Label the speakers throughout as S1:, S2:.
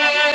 S1: Thank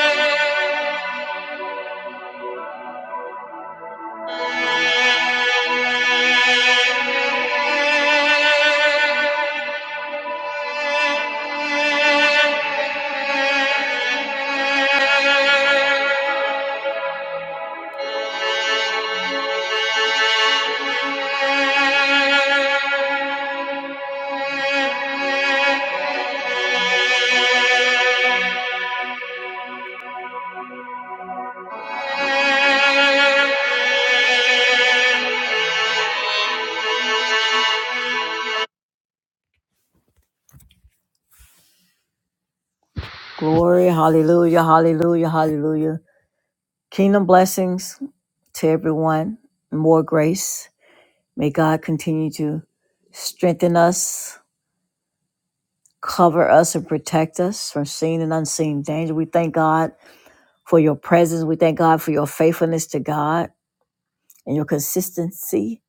S1: Glory, hallelujah, hallelujah, hallelujah. Kingdom blessings to everyone. More grace. May God continue to strengthen us, cover us, and protect us from seen and unseen danger. We thank God for your presence. We thank God for your faithfulness to God and your consistency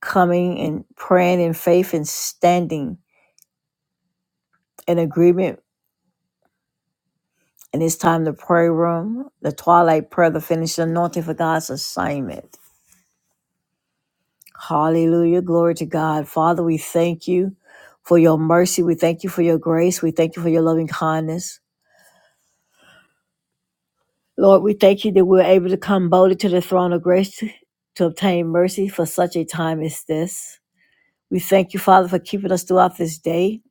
S1: coming and praying in faith and standing in agreement And it's time to pray room, the twilight prayer, the finished anointing for God's assignment. Hallelujah. Glory to God. Father, we thank you for your mercy. We thank you for your grace. We thank you for your loving kindness. Lord, we thank you that we're able to come boldly to the throne of grace to, to obtain mercy for such a time as this. We thank you, Father, for keeping us throughout this day,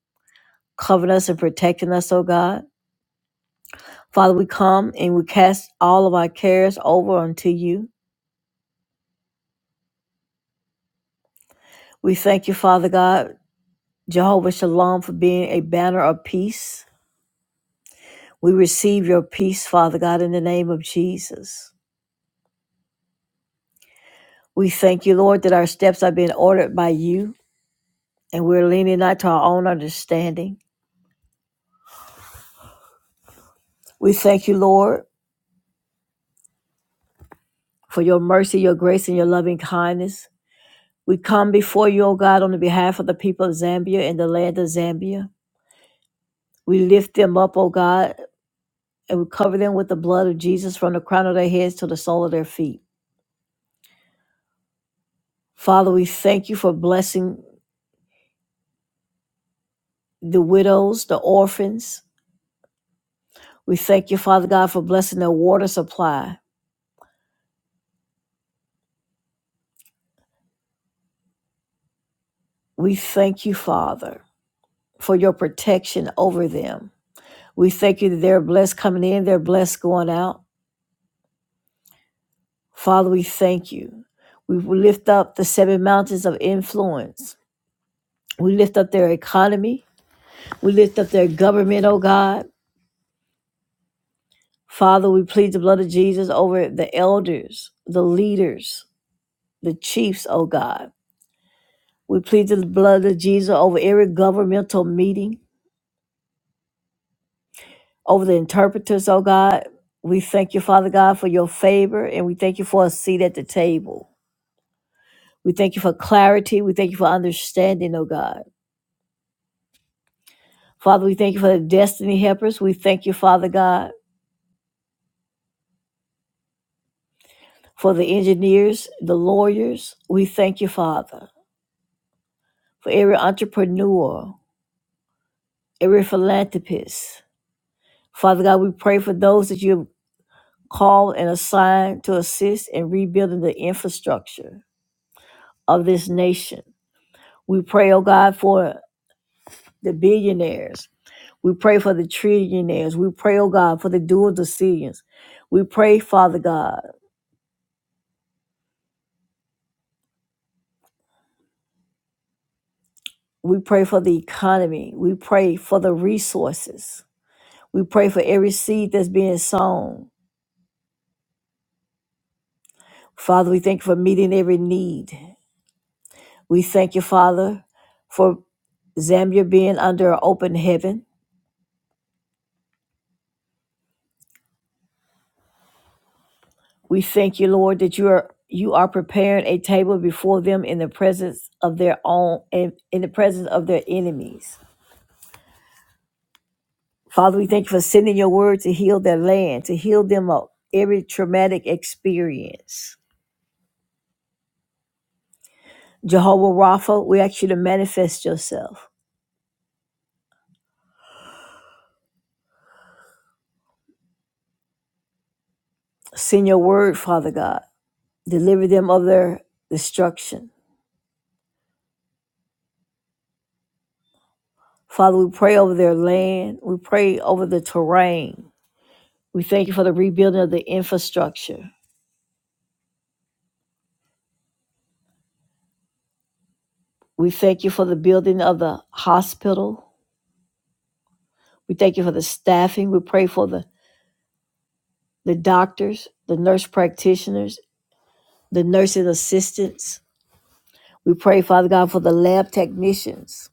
S1: covering us and protecting us, oh God. Father, we come and we cast all of our cares over unto you. We thank you, Father God, Jehovah Shalom for being a banner of peace. We receive your peace, Father God, in the name of Jesus. We thank you, Lord, that our steps are being ordered by you and we're leaning not to our own understanding. We thank you, Lord, for your mercy, your grace, and your loving kindness. We come before you, O God, on the behalf of the people of Zambia and the land of Zambia. We lift them up, O God, and we cover them with the blood of Jesus from the crown of their heads to the sole of their feet. Father, we thank you for blessing the widows, the orphans. We thank you, Father God, for blessing their water supply. We thank you, Father, for your protection over them. We thank you that they're blessed coming in, they're blessed going out. Father, we thank you. We lift up the seven mountains of influence. We lift up their economy. We lift up their government, oh God. Father, we plead the blood of Jesus over the elders, the leaders, the chiefs, oh God. We plead the blood of Jesus over every governmental meeting, over the interpreters, oh God. We thank you, Father God, for your favor, and we thank you for a seat at the table. We thank you for clarity. We thank you for understanding, oh God. Father, we thank you for the destiny helpers. We thank you, Father God, for the engineers, the lawyers. We thank you, Father, for every entrepreneur, every philanthropist. Father God, we pray for those that you have called and assigned to assist in rebuilding the infrastructure of this nation. We pray, oh God, for the billionaires. We pray for the trillionaires. We pray, oh God, for the dual decisions. We pray, Father God. We pray for the economy. We pray for the resources. We pray for every seed that's being sown. Father, we thank you for meeting every need. We thank you, Father, for Zambia being under an open heaven. We thank you, Lord, that you are you are preparing a table before them in the presence of their own in, in the presence of their enemies. Father, we thank you for sending your word to heal their land, to heal them of every traumatic experience. Jehovah Rapha, we ask you to manifest yourself. Send your word, Father God. Deliver them of their destruction. Father, we pray over their land. We pray over the terrain. We thank you for the rebuilding of the infrastructure. We thank you for the building of the hospital. We thank you for the staffing. We pray for the, the doctors, the nurse practitioners, the nursing assistants. We pray, Father God, for the lab technicians.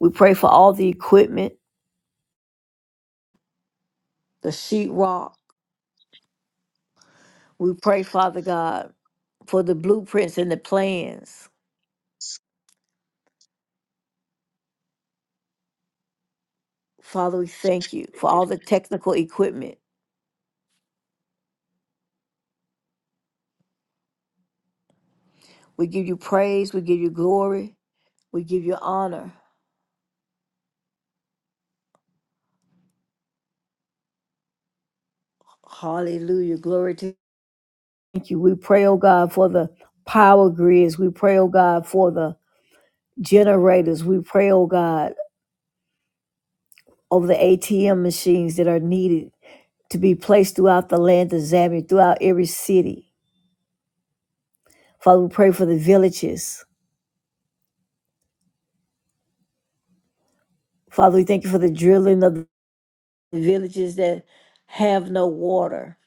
S1: We pray for all the equipment, the sheetrock. We pray, Father God, for the blueprints and the plans. Father, we thank you for all the technical equipment. We give you praise. We give you glory. We give you honor. Hallelujah. Glory to Thank you. We pray, oh God, for the power grids. We pray, oh God, for the generators. We pray, oh God, over the ATM machines that are needed to be placed throughout the land of Zambia, throughout every city. Father, we pray for the villages. Father, we thank you for the drilling of the villages that have no water.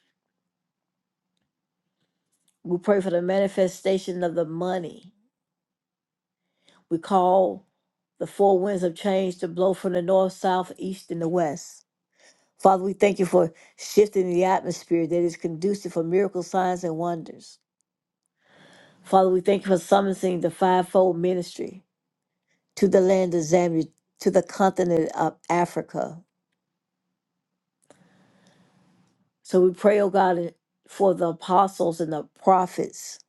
S1: We pray for the manifestation of the money. We call the four winds of change to blow from the north, south, east, and the west. Father, we thank you for shifting the atmosphere that is conducive for miracle signs and wonders. Father, we thank you for summoning the fivefold ministry to the land of Zambia, to the continent of Africa. So we pray, oh God, for the apostles and the prophets.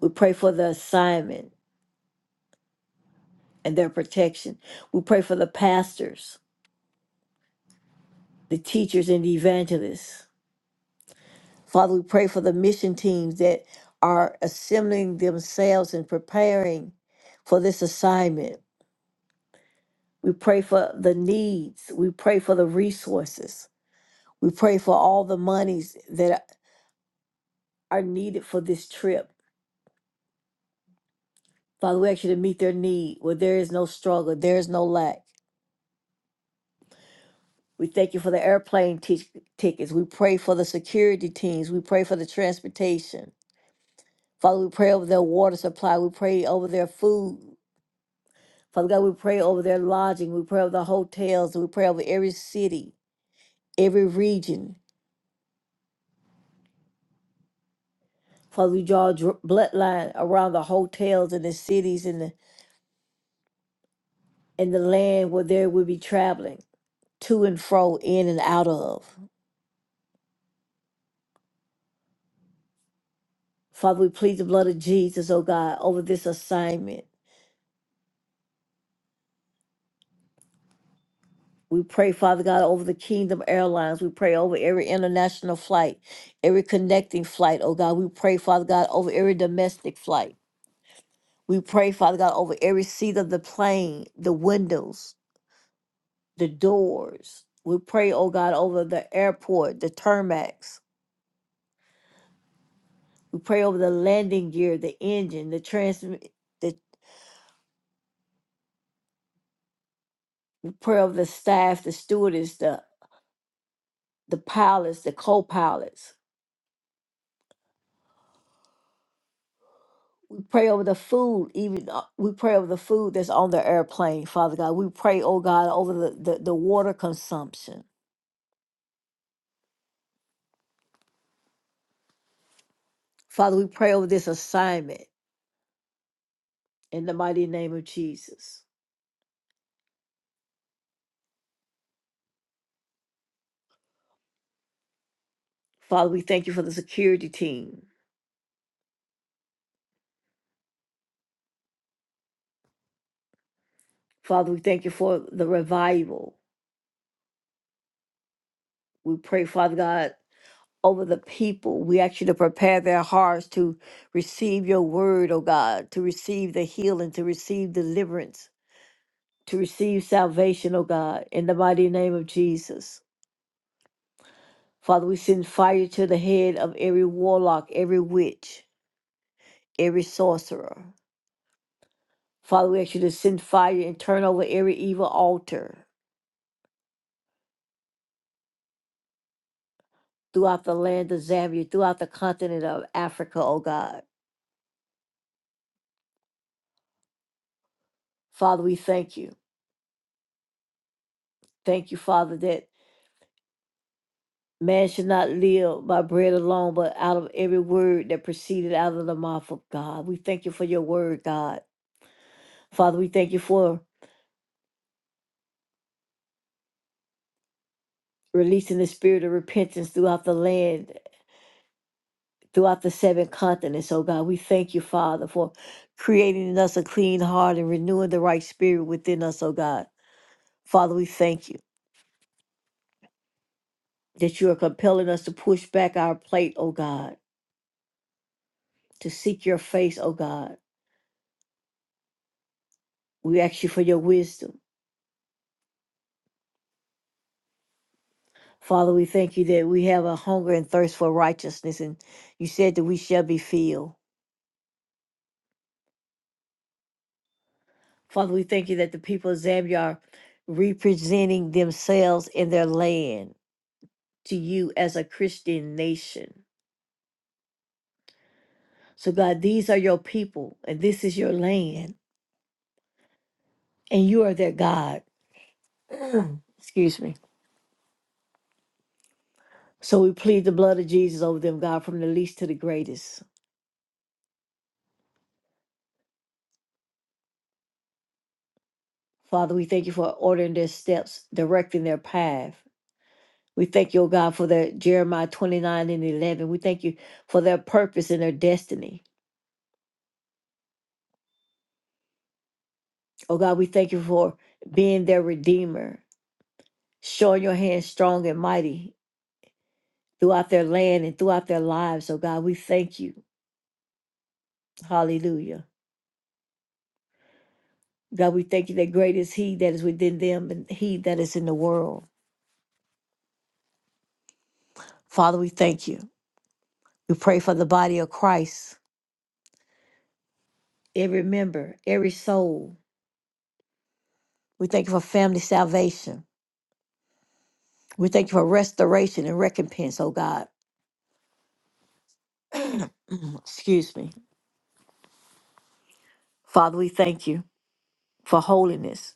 S1: We pray for the assignment and their protection. We pray for the pastors, the teachers, and the evangelists. Father, we pray for the mission teams that are assembling themselves and preparing for this assignment. We pray for the needs. We pray for the resources. We pray for all the monies that are needed for this trip. Father, we ask you to meet their need where there is no struggle, there is no lack. We thank you for the airplane tic- tickets. We pray for the security teams. We pray for the transportation. Father, we pray over their water supply. We pray over their food. Father God, we pray over their lodging. We pray over the hotels. We pray over every city, every region. Father, we draw a dr- bloodline around the hotels and the cities and the, and the land where they will be traveling to and fro, in and out of. Father, we plead the blood of Jesus, oh God, over this assignment. We pray, Father God, over the Kingdom Airlines. We pray over every international flight, every connecting flight, oh God. We pray, Father God, over every domestic flight. We pray, Father God, over every seat of the plane, the windows, the doors. We pray, oh God, over the airport, the tarmacs. We pray over the landing gear, the engine, the transmit, the we pray over the staff, the stewardess, the the pilots, the co-pilots. We pray over the food, even uh, we pray over the food that's on the airplane, Father God. We pray, oh God, over the, the, the water consumption. Father, we pray over this assignment in the mighty name of Jesus. Father, we thank you for the security team. Father, we thank you for the revival. We pray, Father God, over the people. We ask you to prepare their hearts to receive your word, oh God, to receive the healing, to receive deliverance, to receive salvation, oh God, in the mighty name of Jesus. Father, we send fire to the head of every warlock, every witch, every sorcerer. Father, we ask you to send fire and turn over every evil altar. throughout the land of Zambia, throughout the continent of Africa, oh God. Father, we thank you. Thank you, Father, that man should not live by bread alone, but out of every word that proceeded out of the mouth of God. We thank you for your word, God. Father, we thank you for releasing the spirit of repentance throughout the land, throughout the seven continents, oh God. We thank you, Father, for creating in us a clean heart and renewing the right spirit within us, oh God. Father, we thank you. that you are compelling us to push back our plate, O God, to seek your face, O God. We ask you for your wisdom. Father, we thank you that we have a hunger and thirst for righteousness, and you said that we shall be filled. Father, we thank you that the people of Zambia are representing themselves in their land to you as a Christian nation. So, God, these are your people, and this is your land, and you are their God. Excuse me. So we plead the blood of Jesus over them, God, from the least to the greatest. Father, we thank you for ordering their steps, directing their path. We thank you, O God, for their Jeremiah 29 and 11. We thank you for their purpose and their destiny. Oh God, we thank you for being their redeemer, showing your hand strong and mighty throughout their land and throughout their lives. Oh God, we thank you. Hallelujah. God, we thank you that great is He that is within them and He that is in the world. Father, we thank you. We pray for the body of Christ, every member, every soul. We thank you for family salvation. We thank you for restoration and recompense, oh God. Excuse me. Father, we thank you for holiness.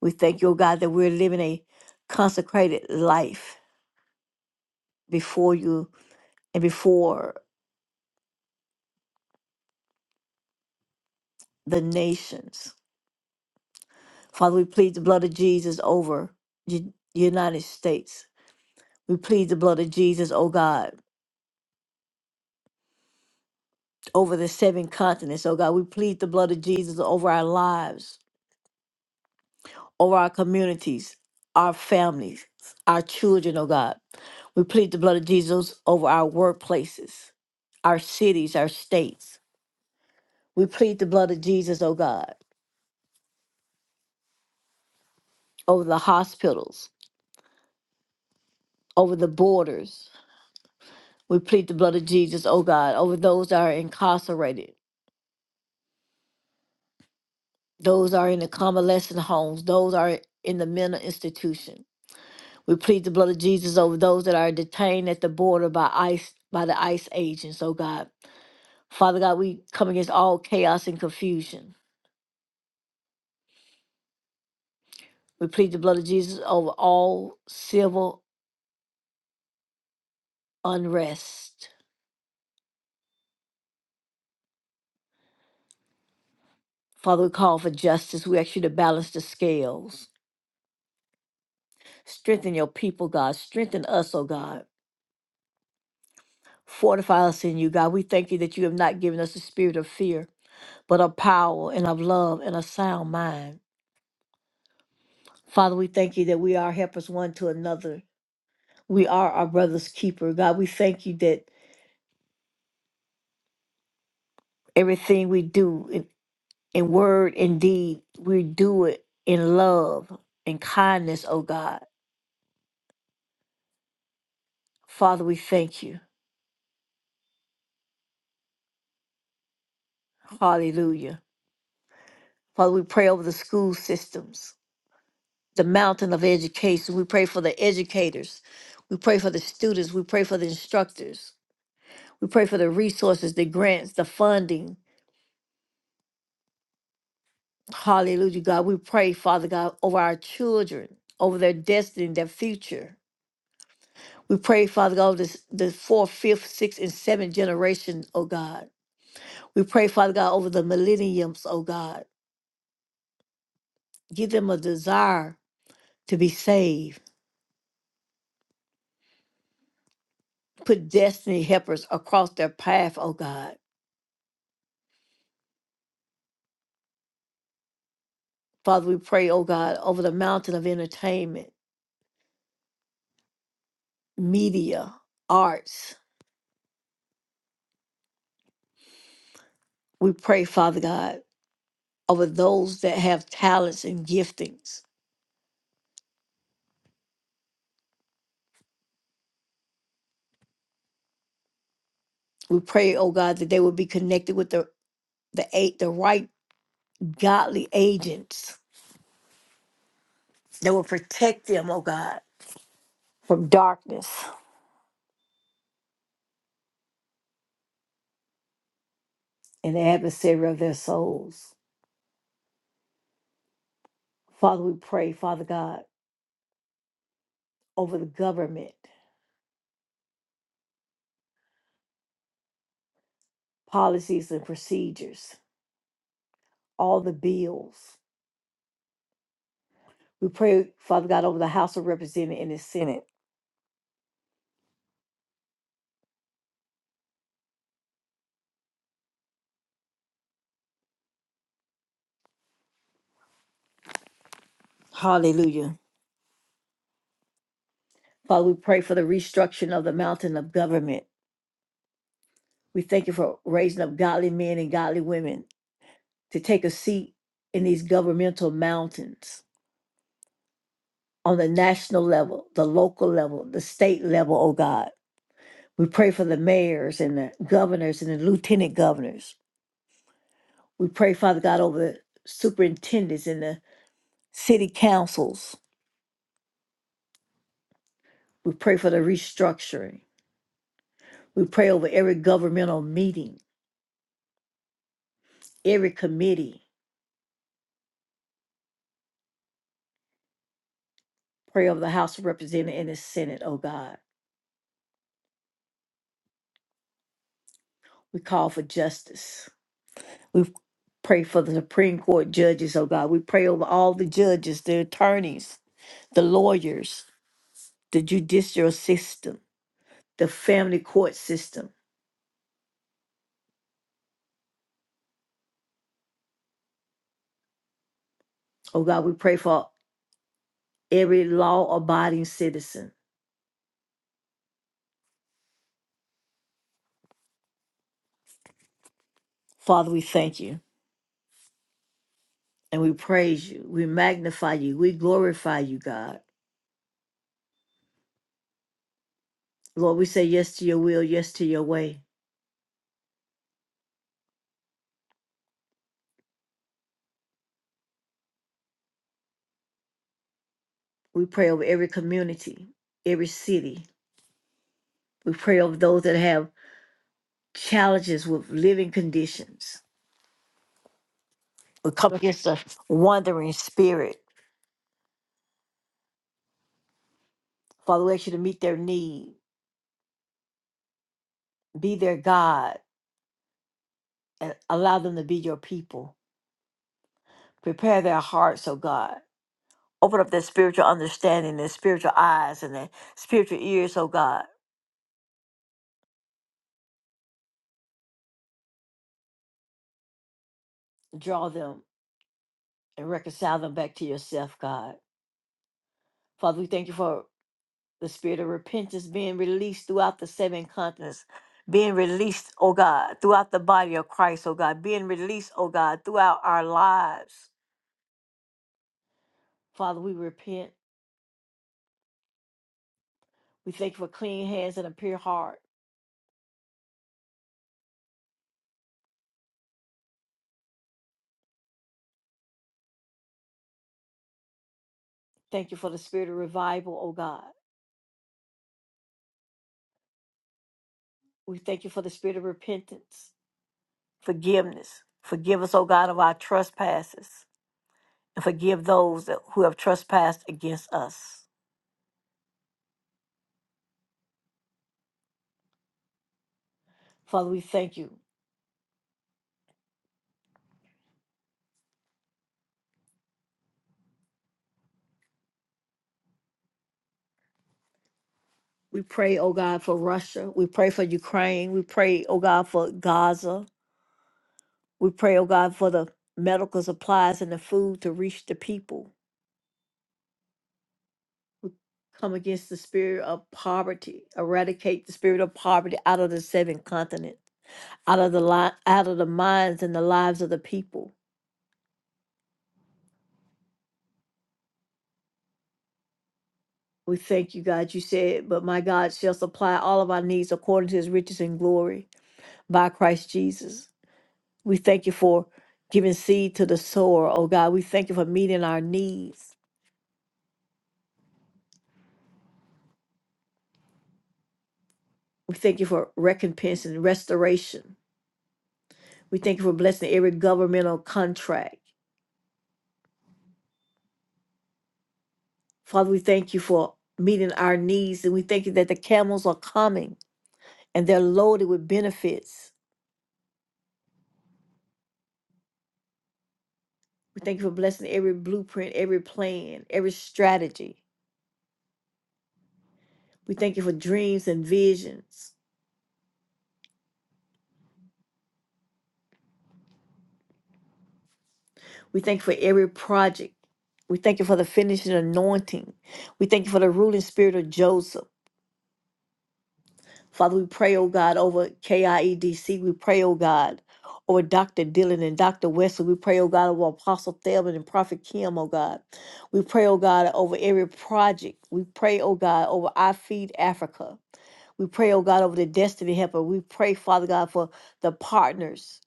S1: We thank you, oh God, that we're living a consecrated life before you and before the nations. Father, we plead the blood of Jesus over the United States. We plead the blood of Jesus, oh God, over the seven continents, oh God. We plead the blood of Jesus over our lives. over our communities, our families, our children, oh God. We plead the blood of Jesus over our workplaces, our cities, our states. We plead the blood of Jesus, oh God, over the hospitals, over the borders. We plead the blood of Jesus, oh God, over those that are incarcerated, those that are in the convalescent homes, those that are in the mental institution. We plead the blood of Jesus over those that are detained at the border by ICE, by the ICE agents, oh God. Father God, we come against all chaos and confusion. We plead the blood of Jesus over all civil unrest. Father, we call for justice. We ask you to balance the scales. Strengthen your people, God. Strengthen us, oh God. Fortify us in you, God. We thank you that you have not given us the spirit of fear, but of power and of love and a sound mind. Father, we thank you that we are helpers one to another. We are our brother's keeper. God, we thank you that everything we do. in word and deed, we do it in love and kindness, oh God. Father, we thank you. Hallelujah. Father, we pray over the school systems, the mountain of education. We pray for the educators. We pray for the students. We pray for the instructors. We pray for the resources, the grants, the funding. Hallelujah, God. We pray, Father God, over our children, over their destiny, their future. We pray, Father God, over this, the fourth, fifth, sixth, and seventh generation, oh God. We pray, Father God, over the millenniums, oh God. Give them a desire to be saved. Put destiny helpers across their path, oh God. Father, we pray, oh God, over the mountain of entertainment, media, arts. We pray, Father God, over those that have talents and giftings. We pray, oh God, that they will be connected with the the eight the right godly agents that will protect them, oh God, from darkness and the adversary of their souls. Father, we pray, Father God, over the government, policies and procedures, all the bills. We pray, Father God, over the House of Representatives and the Senate. Hallelujah. Father, we pray for the restructuring of the mountain of government. We thank you for raising up godly men and godly women to take a seat in these governmental mountains on the national level, the local level, the state level, oh God. We pray for the mayors and the governors and the lieutenant governors. We pray, Father God, over the superintendents and the city councils. We pray for the restructuring. We pray over every governmental meeting, every committee. Pray over the House of Representatives and the Senate, oh God. We call for justice. We pray for the Supreme Court judges, oh God. We pray over all the judges, the attorneys, the lawyers, the judicial system, the family court system. Oh God, we pray for every law abiding citizen. Father, we thank you. and we praise you. We magnify you. We glorify you, God. Lord, we say yes to your will, yes to your way. We pray over every community, every city. We pray over those that have challenges with living conditions. We come against a wandering spirit. Father, we ask you to meet their need, be their God, and allow them to be your people. Prepare their hearts, oh God. Open up their spiritual understanding, their spiritual eyes, and their spiritual ears, oh God. Draw them and reconcile them back to yourself, God. Father, we thank you for the spirit of repentance being released throughout the seven continents, being released, oh God, throughout the body of Christ, oh God, being released, oh God, throughout our lives. Father, we repent. We thank you for clean hands and a pure heart. Thank you for the spirit of revival, oh God. We thank you for the spirit of repentance, forgiveness. Forgive us, oh God, of our trespasses, and forgive those that, who have trespassed against us. Father, we thank you. We pray, oh God, for Russia. We pray for Ukraine. We pray, oh God, for Gaza. We pray, oh God, for the medical supplies and the food to reach the people. Come against the spirit of poverty. Eradicate the spirit of poverty out of the seven continents, out of the li- out of the minds and the lives of the people. We thank you, God. You said, but my God shall supply all of our needs according to his riches and glory by Christ Jesus. We thank you for giving seed to the sower, oh God. We thank you for meeting our needs. We thank you for recompense and restoration. We thank you for blessing every governmental contract. Father, we thank you for meeting our needs and we thank you that the camels are coming and they're loaded with benefits. We thank you for blessing every blueprint, every plan, every strategy. We thank you for dreams and visions. We thank you for every project. We thank you for the finishing anointing. We thank you for the ruling spirit of Joseph. Father, we pray, oh God, over KIEDC. We pray, oh God, over Dr. Dillon and Dr. Wesley. We pray, oh God, over Apostle Thelman and Prophet Kim, oh God. We pray, oh God, over every project. We pray, oh God, over I Feed Africa. We pray, oh God, over the Destiny Helper. We pray, Father God, for the partners,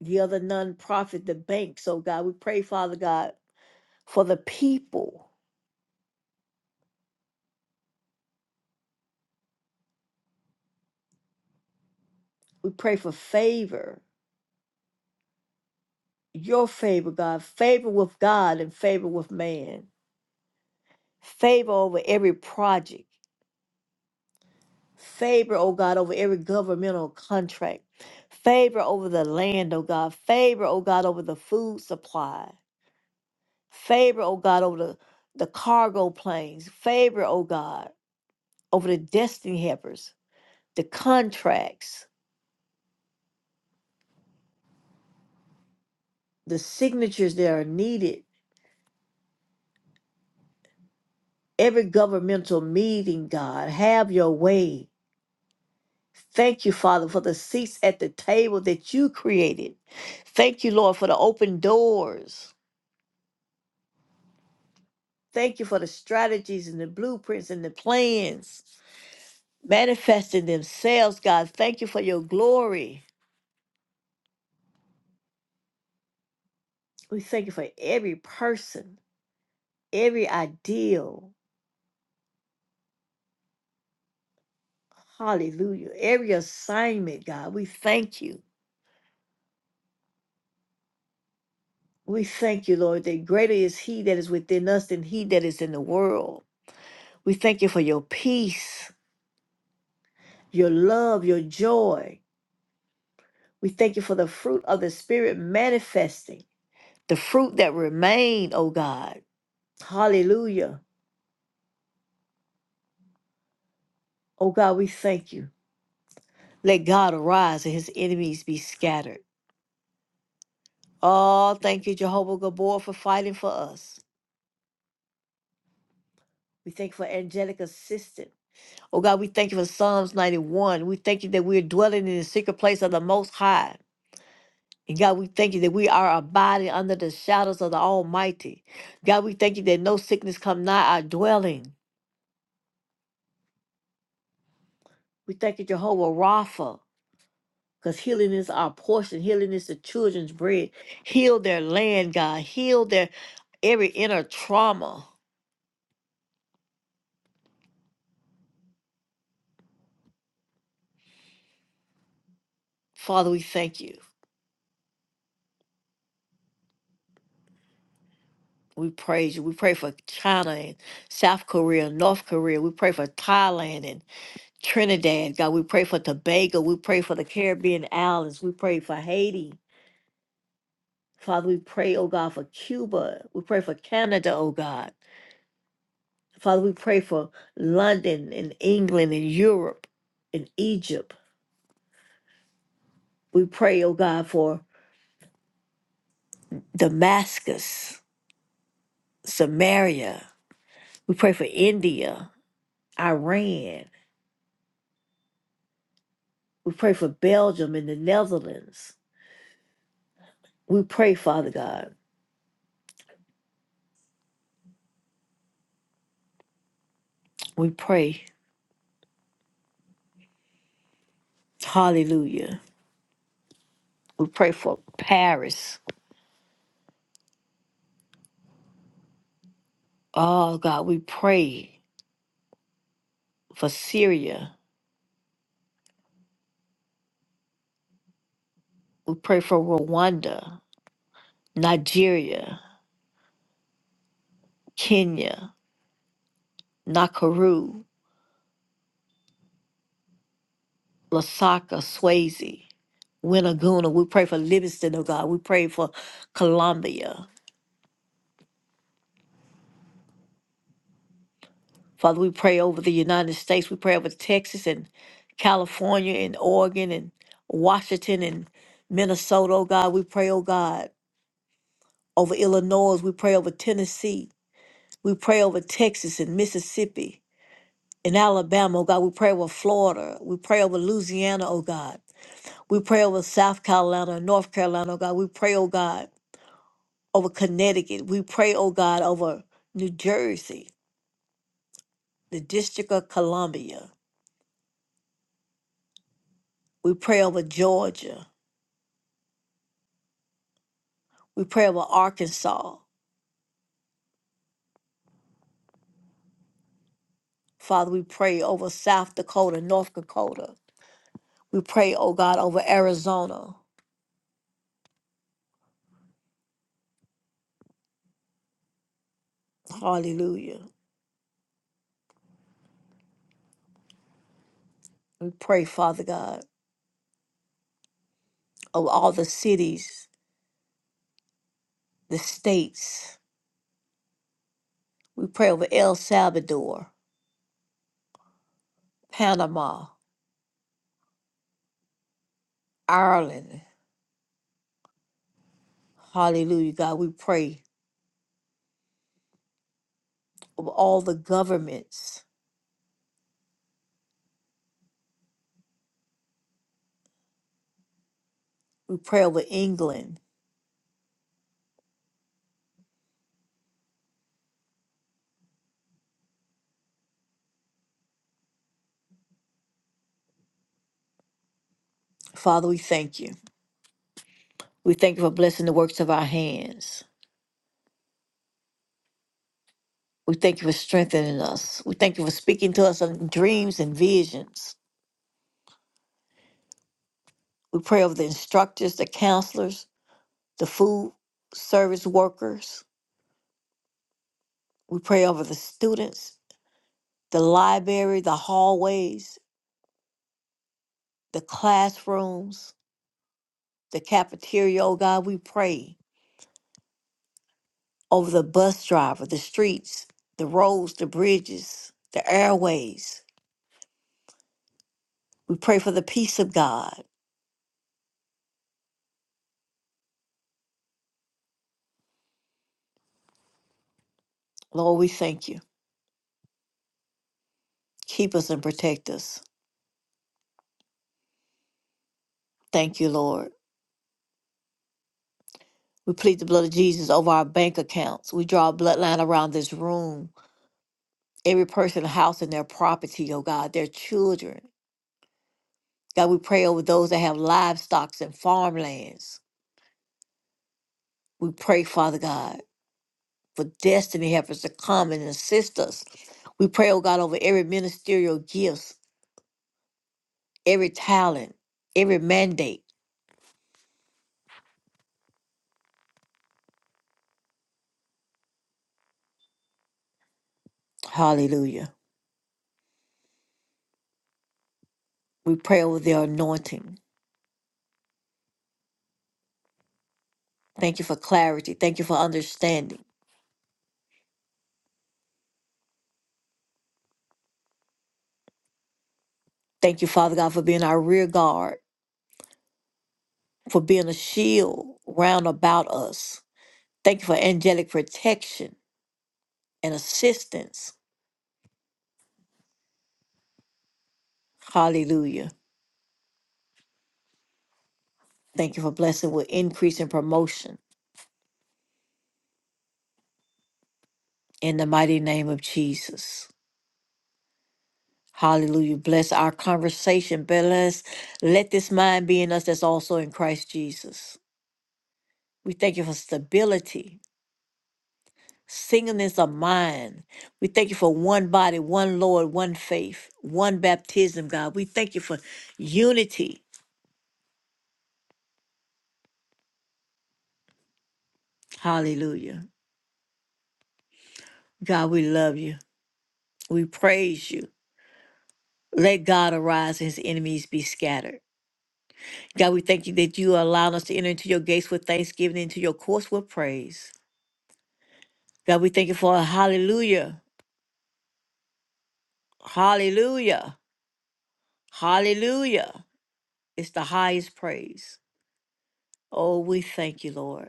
S1: the other nonprofit, the banks, oh God. We pray, Father God. for the people. We pray for favor, your favor, God, favor with God and favor with man, favor over every project, favor, oh God, over every governmental contract, favor over the land, oh God, favor, oh God, over the food supply, favor, oh God, over the, the cargo planes, favor, oh God, over the destiny helpers, the contracts, the signatures that are needed every governmental meeting, God. Have your way. Thank you, Father, for the seats at the table that you created. Thank you, Lord, for the open doors. Thank you for the strategies and the blueprints and the plans manifesting themselves, God. Thank you for your glory. We thank you for every person, every ideal. Hallelujah. Every assignment, God. We thank you. We thank you, Lord, that greater is He that is within us than He that is in the world. We thank you for your peace, your love, your joy. We thank you for the fruit of the Spirit manifesting, the fruit that remain, O God. Hallelujah. O God, we thank you. Let God arise and his enemies be scattered. Oh, thank you, Jehovah Gabor, for fighting for us. We thank you for angelic assistance. Oh God, we thank you for Psalms 91. We thank you that we're dwelling in the secret place of the Most High. And God, we thank you that we are abiding under the shadows of the Almighty. God, we thank you that no sickness come nigh our dwelling. We thank you, Jehovah Rapha, because healing is our portion. Healing is the children's bread. Heal their land, God. Heal their every inner trauma. Father, we thank you. We praise you. We pray for China and South Korea, and North Korea. We pray for Thailand and Trinidad. God, we pray for Tobago. We pray for the Caribbean islands. We pray for Haiti. Father, we pray, oh God, for Cuba. We pray for Canada, oh God. Father, we pray for London and England and Europe and Egypt. We pray, oh God, for Damascus, Samaria. We pray for India, Iran. We pray for Belgium and the Netherlands. We pray, Father God. We pray, hallelujah. We pray for Paris. Oh God, we pray for Syria. We pray for Rwanda. Nigeria, Kenya, Nakuru, Lasaka, Swayze, Winaguna. We pray for Livingston, oh God. We pray for Colombia. Father, we pray over the United States. We pray over Texas and California and Oregon and Washington and Minnesota, oh God. We pray, oh God, over Illinois. We pray over Tennessee. We pray over Texas and Mississippi and Alabama, oh God. We pray over Florida. We pray over Louisiana, oh God. We pray over South Carolina, North Carolina, oh God. We pray, oh God, over Connecticut. We pray, oh God, over New Jersey, the District of Columbia. We pray over Georgia. We pray over Arkansas. Father, we pray over South Dakota, North Dakota. We pray, oh God, over Arizona. Hallelujah. We pray, Father God, over all the cities, the states. We pray over El Salvador, Panama, Ireland. Hallelujah, God. We pray over all the governments. We pray over England. Father, we thank you. We thank you for blessing the works of our hands. We thank you for strengthening us. We thank you for speaking to us in dreams and visions. We pray over the instructors, the counselors, the food service workers. We pray over the students, the library, the hallways, the classrooms, the cafeteria. Oh God, we pray over the bus driver, the streets, the roads, the bridges, the airways. We pray for the peace of God. Lord, we thank you. Keep us and protect us. Thank you, Lord. We plead the blood of Jesus over our bank accounts. We draw a bloodline around this room, every person, house, and their property, oh God, their children. God, we pray over those that have livestock and farmlands. We pray, Father God, for destiny helpers to come and assist us. We pray, oh God, over every ministerial gift every talent, every mandate. Hallelujah. We pray over their anointing. Thank you for clarity. Thank you for understanding. Thank you, Father God, for being our rear guard, for being a shield round about us. Thank you for angelic protection and assistance. Hallelujah. Thank you for blessing with increase and promotion in the mighty name of Jesus. Hallelujah. Bless our conversation. Bless. Let this mind be in us that's also in Christ Jesus. We thank you for stability, singleness of mind. We thank you for one body, one Lord, one faith, one baptism, God. We thank you for unity. Hallelujah. God, we love you. We praise you. Let God arise and his enemies be scattered. God, we thank you that you allow us to enter into your gates with thanksgiving, into your courts with praise. God, we thank you for a hallelujah. Hallelujah. Hallelujah. It's the highest praise. Oh, we thank you, Lord.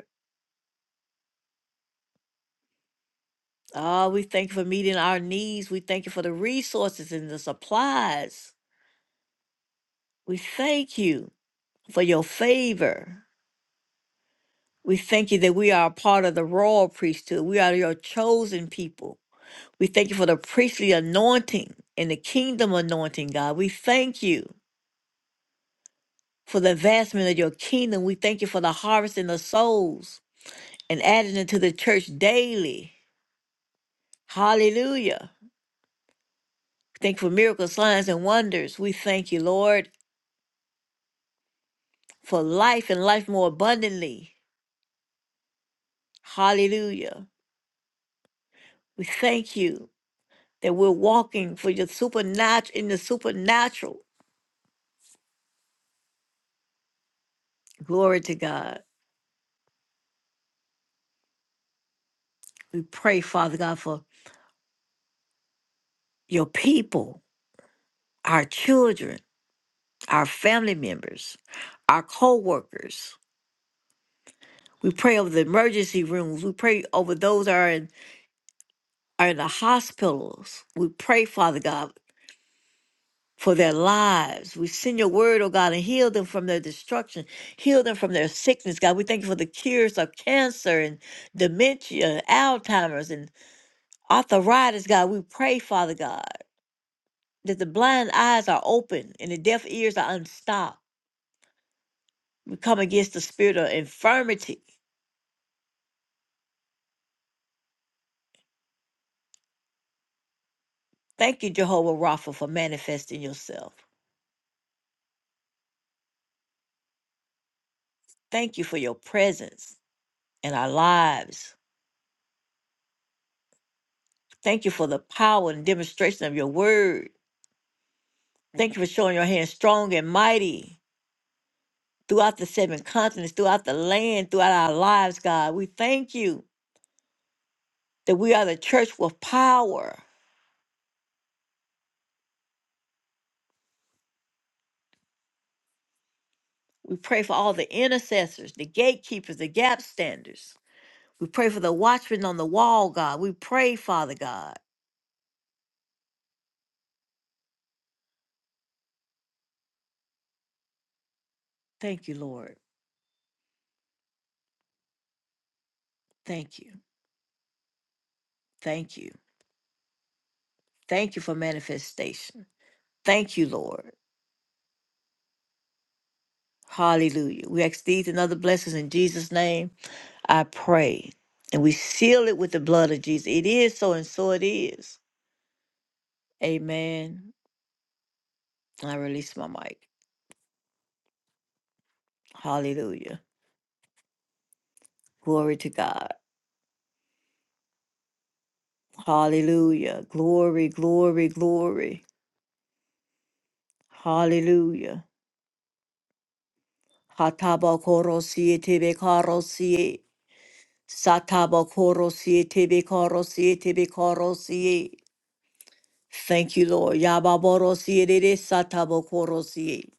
S1: Oh, we thank you for meeting our needs. We thank you for the resources and the supplies. We thank you for your favor. We thank you that we are a part of the royal priesthood. We are your chosen people. We thank you for the priestly anointing and the kingdom anointing, God. We thank you for the advancement of your kingdom. We thank you for the harvest in the souls and adding into the church daily. Hallelujah. Thank you for miracles, signs, and wonders. We thank you, Lord. for life and life more abundantly. Hallelujah. We thank you that we're walking for your supernatural in the supernatural. Glory to God. We pray, Father God, for your people, our children, our family members, our co-workers. We pray over the emergency rooms. We pray over those that are in are in the hospitals. We pray, Father God. for their lives. We send your word, oh God, and heal them from their destruction, heal them from their sickness, God. We thank you for the cures of cancer and dementia, Alzheimer's, and arthritis, God. We pray, Father God, that the blind eyes are open and the deaf ears are unstopped. We come against the spirit of infirmity. Thank you, Jehovah Rapha, for manifesting yourself. Thank you for your presence in our lives. Thank you for the power and demonstration of your word. Thank you for showing your hand strong and mighty throughout the seven continents, throughout the land, throughout our lives, God. We thank you that we are the church with power. We pray for all the intercessors, the gatekeepers, the gap standers. We pray for the watchmen on the wall, God. We pray, Father God. Thank you, Lord. Thank you. Thank you. Thank you for manifestation. Thank you, Lord. Hallelujah. We ask these and other blessings in Jesus' name. I pray. And we seal it with the blood of Jesus. It is so, and so it is. Amen. I release my mic. Hallelujah. Glory to God. Hallelujah. Glory, glory, glory. Hallelujah. Hatabakorosie tebekarosie. Satabakorosie tebekarosie tebekarosie. Thank you, Lord. Yababorosie de satabakorosie.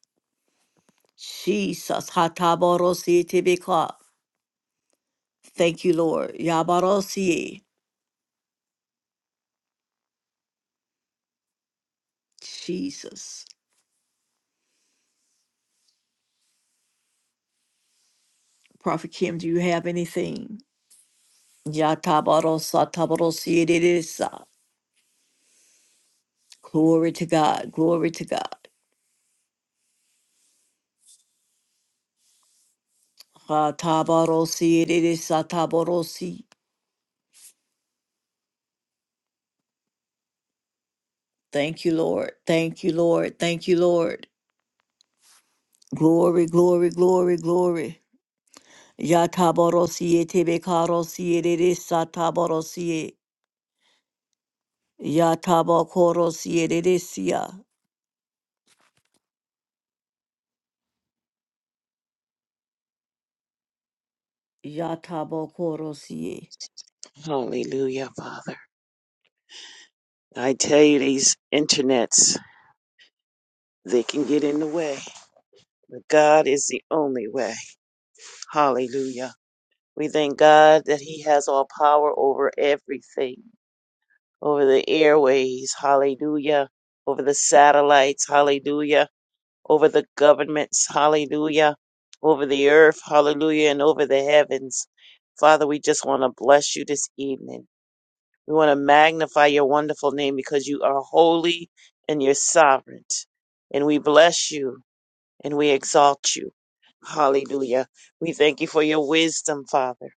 S1: Jesus. Hataborosie tebekarosie. Thank you, Lord. Yabarosie. Jesus. Prophet Kim, do you have anything? Yatabarosa tabarosie dedesa. Glory to God. Glory to God. Ha tabarosie dedesa tabarosi. Thank you, Lord. Thank you, Lord. Thank you, Lord. Glory, glory, glory, glory. Yatabarosie tebekarosie dedesa tabarosie. Yatabakorosie dedesia. Yatabakorosie.
S2: Hallelujah, Father. I tell you, these internets, they can get in the way. But God is the only way. Hallelujah. We thank God that He has all power over everything, over the airways. Hallelujah. Over the satellites. Hallelujah. Over the governments. Hallelujah. Over the earth. Hallelujah. And over the heavens. Father, we just want to bless you this evening. We want to magnify your wonderful name because you are holy and you're sovereign. And we bless you and we exalt you. Hallelujah. We thank you for your wisdom, Father.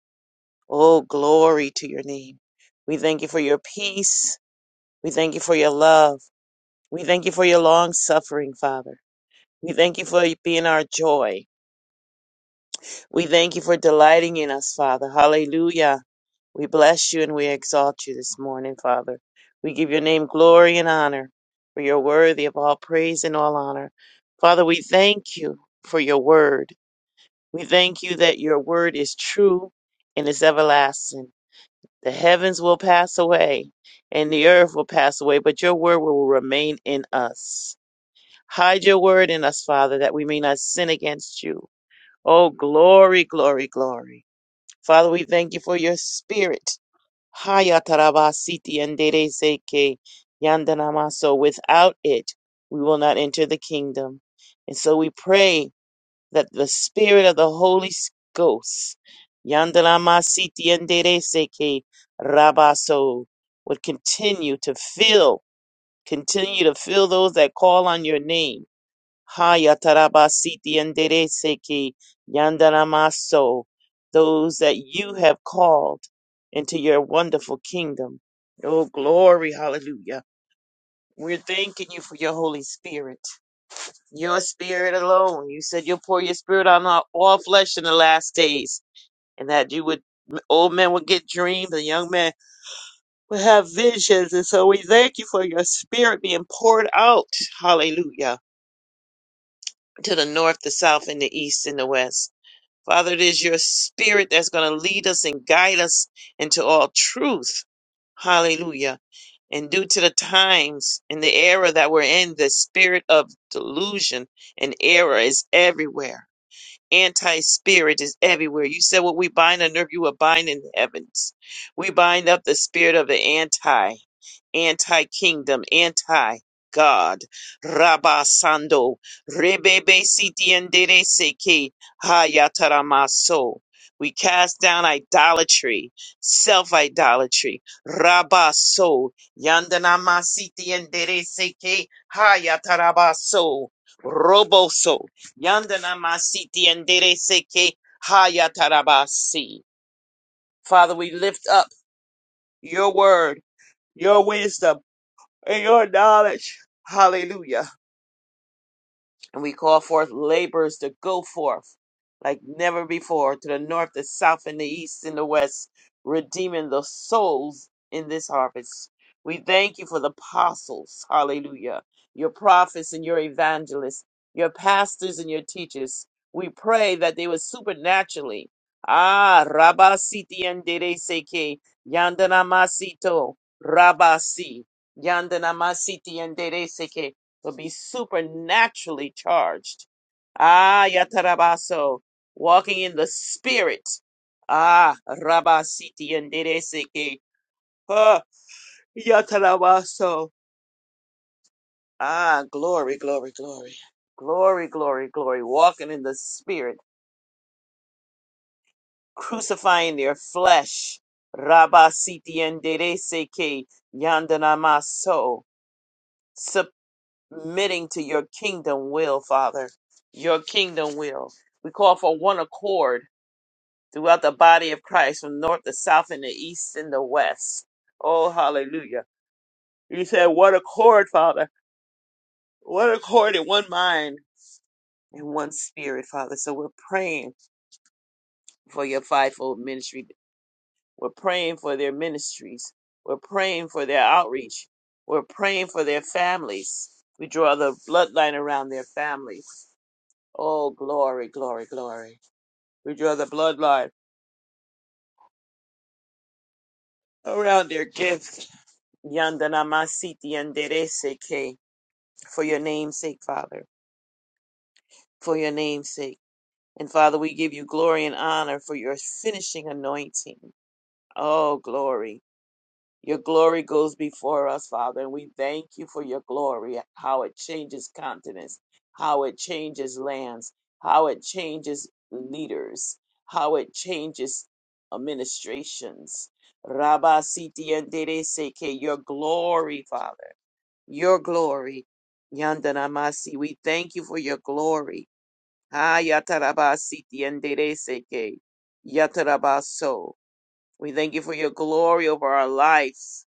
S2: Oh, glory to your name. We thank you for your peace. We thank you for your love. We thank you for your long suffering, Father. We thank you for being our joy. We thank you for delighting in us, Father. Hallelujah. We bless you and we exalt you this morning, Father. We give your name glory and honor, for you're worthy of all praise and all honor. Father, we thank you for your word. We thank you that your word is true and is everlasting. The heavens will pass away and the earth will pass away, but your word will remain in us. Hide your word in us, Father, that we may not sin against you. Oh, glory, glory, glory. Father, we thank you for your spirit Haya Hayatarabasiti and Dereseke Yandanamaso. Without it, we will not enter the kingdom. And so we pray that the Spirit of the Holy Ghost Ghost, Yandanamasiti and Dereseke Rabaso, would continue to fill, continue to fill those that call on your name Haya tarabasiti yandereseki yandaramaso, those that you have called into your wonderful kingdom. Oh, glory, hallelujah. We're thanking you for your Holy Spirit, your spirit alone. You said you'll pour your spirit on all all flesh in the last days, and that you would, old men would get dreams, and young men would have visions. And so we thank you for your spirit being poured out, hallelujah, to the north, the south, and the east, and the west. Father, it is your spirit that's going to lead us and guide us into all truth. Hallelujah. And due to the times and the era that we're in, the spirit of delusion and error is everywhere. Anti spirit is everywhere. You said what we bind on earth, you will bind in the heavens. We bind up the spirit of the anti anti kingdom, anti God. Rabba Sando, Rebebe Siti seke Seki, Hayataramaso. We cast down idolatry, self idolatry. Rabba So, Yandanama Siti seke Seki, Hayatarabaso. Roboso, Yandanama Siti seke Seki, Hayatarabasi. Father, we lift up your word, your wisdom and your knowledge. Hallelujah. And we call forth laborers to go forth like never before to the north, the south, and the east and the west, redeeming the souls in this harvest. We thank you for the apostles, hallelujah, your prophets and your evangelists, your pastors and your teachers. We pray that they would supernaturally, ah, Rabba Siti and Seke, Yandana Masito, Rabasi, Yandana Masiti and Dere will be supernaturally charged. Ah, Yatarabaso, walking in the spirit. Ah, Rabasiti and Dereseke. Ah, Yatarabaso. Ah, glory, glory, glory. Glory, glory, glory. Walking in the spirit, crucifying their flesh. Rabasiti and Dereseke. Yandanamaso. submitting to your kingdom will, Father. Your kingdom will. We call for one accord throughout the body of Christ from north to south and the east and the west. Oh, hallelujah. You said one accord, Father. One accord in one mind and one spirit, Father. So we're praying for your fivefold ministry. We're praying for their ministries. We're praying for their outreach. We're praying for their families. We draw the bloodline around their families. Oh, glory, glory, glory. We draw the bloodline around their gift. Yandanamasiti yandereseke. For your name's sake, Father. For your name's sake. And Father, we give you glory and honor for your finishing anointing. Oh, glory. Your glory goes before us, Father, and we thank you for your glory, how it changes continents, how it changes lands, how it changes leaders, how it changes administrations. Rabba Siti and Dede Seke, your glory, Father, your glory. Yandanamasi, we thank you for your glory. Ah, Yataraba Siti and Dede Seke, Yatarabaso. We thank you for your glory over our lives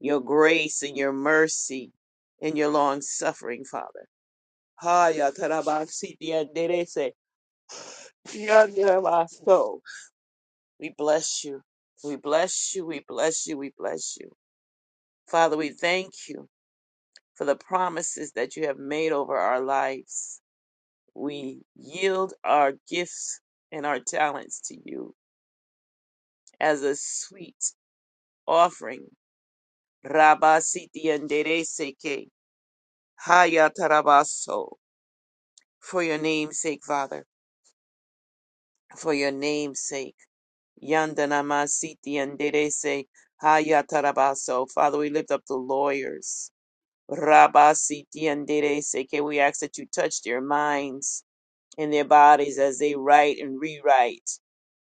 S2: your grace and your mercy and your long suffering, Father. Haya tarabasiti anderese, yanderabaso. We bless you. We bless you. We bless you. We bless you. Father, we thank you for the promises that you have made over our lives. We yield our gifts and our talents to you as a sweet offering. Rabasiti anderese ke, haya tarabaso. For your name's sake, Father. for your name's sake. Yandanamasiti and Derese Hayatarabaso. Father, we lift up the lawyers. Rabasiti and Derese. Can we ask that you touch their minds and their bodies as they write and rewrite?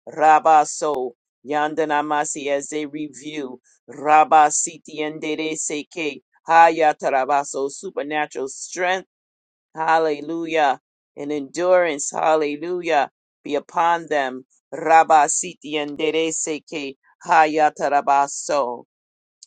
S2: Rabaso. Yandanamasi as they review. Rabasiti and Derese. Hayatarabaso. Supernatural strength Hallelujah. And endurance, hallelujah, be upon them. Rabba siti enderece que hayatarabaso.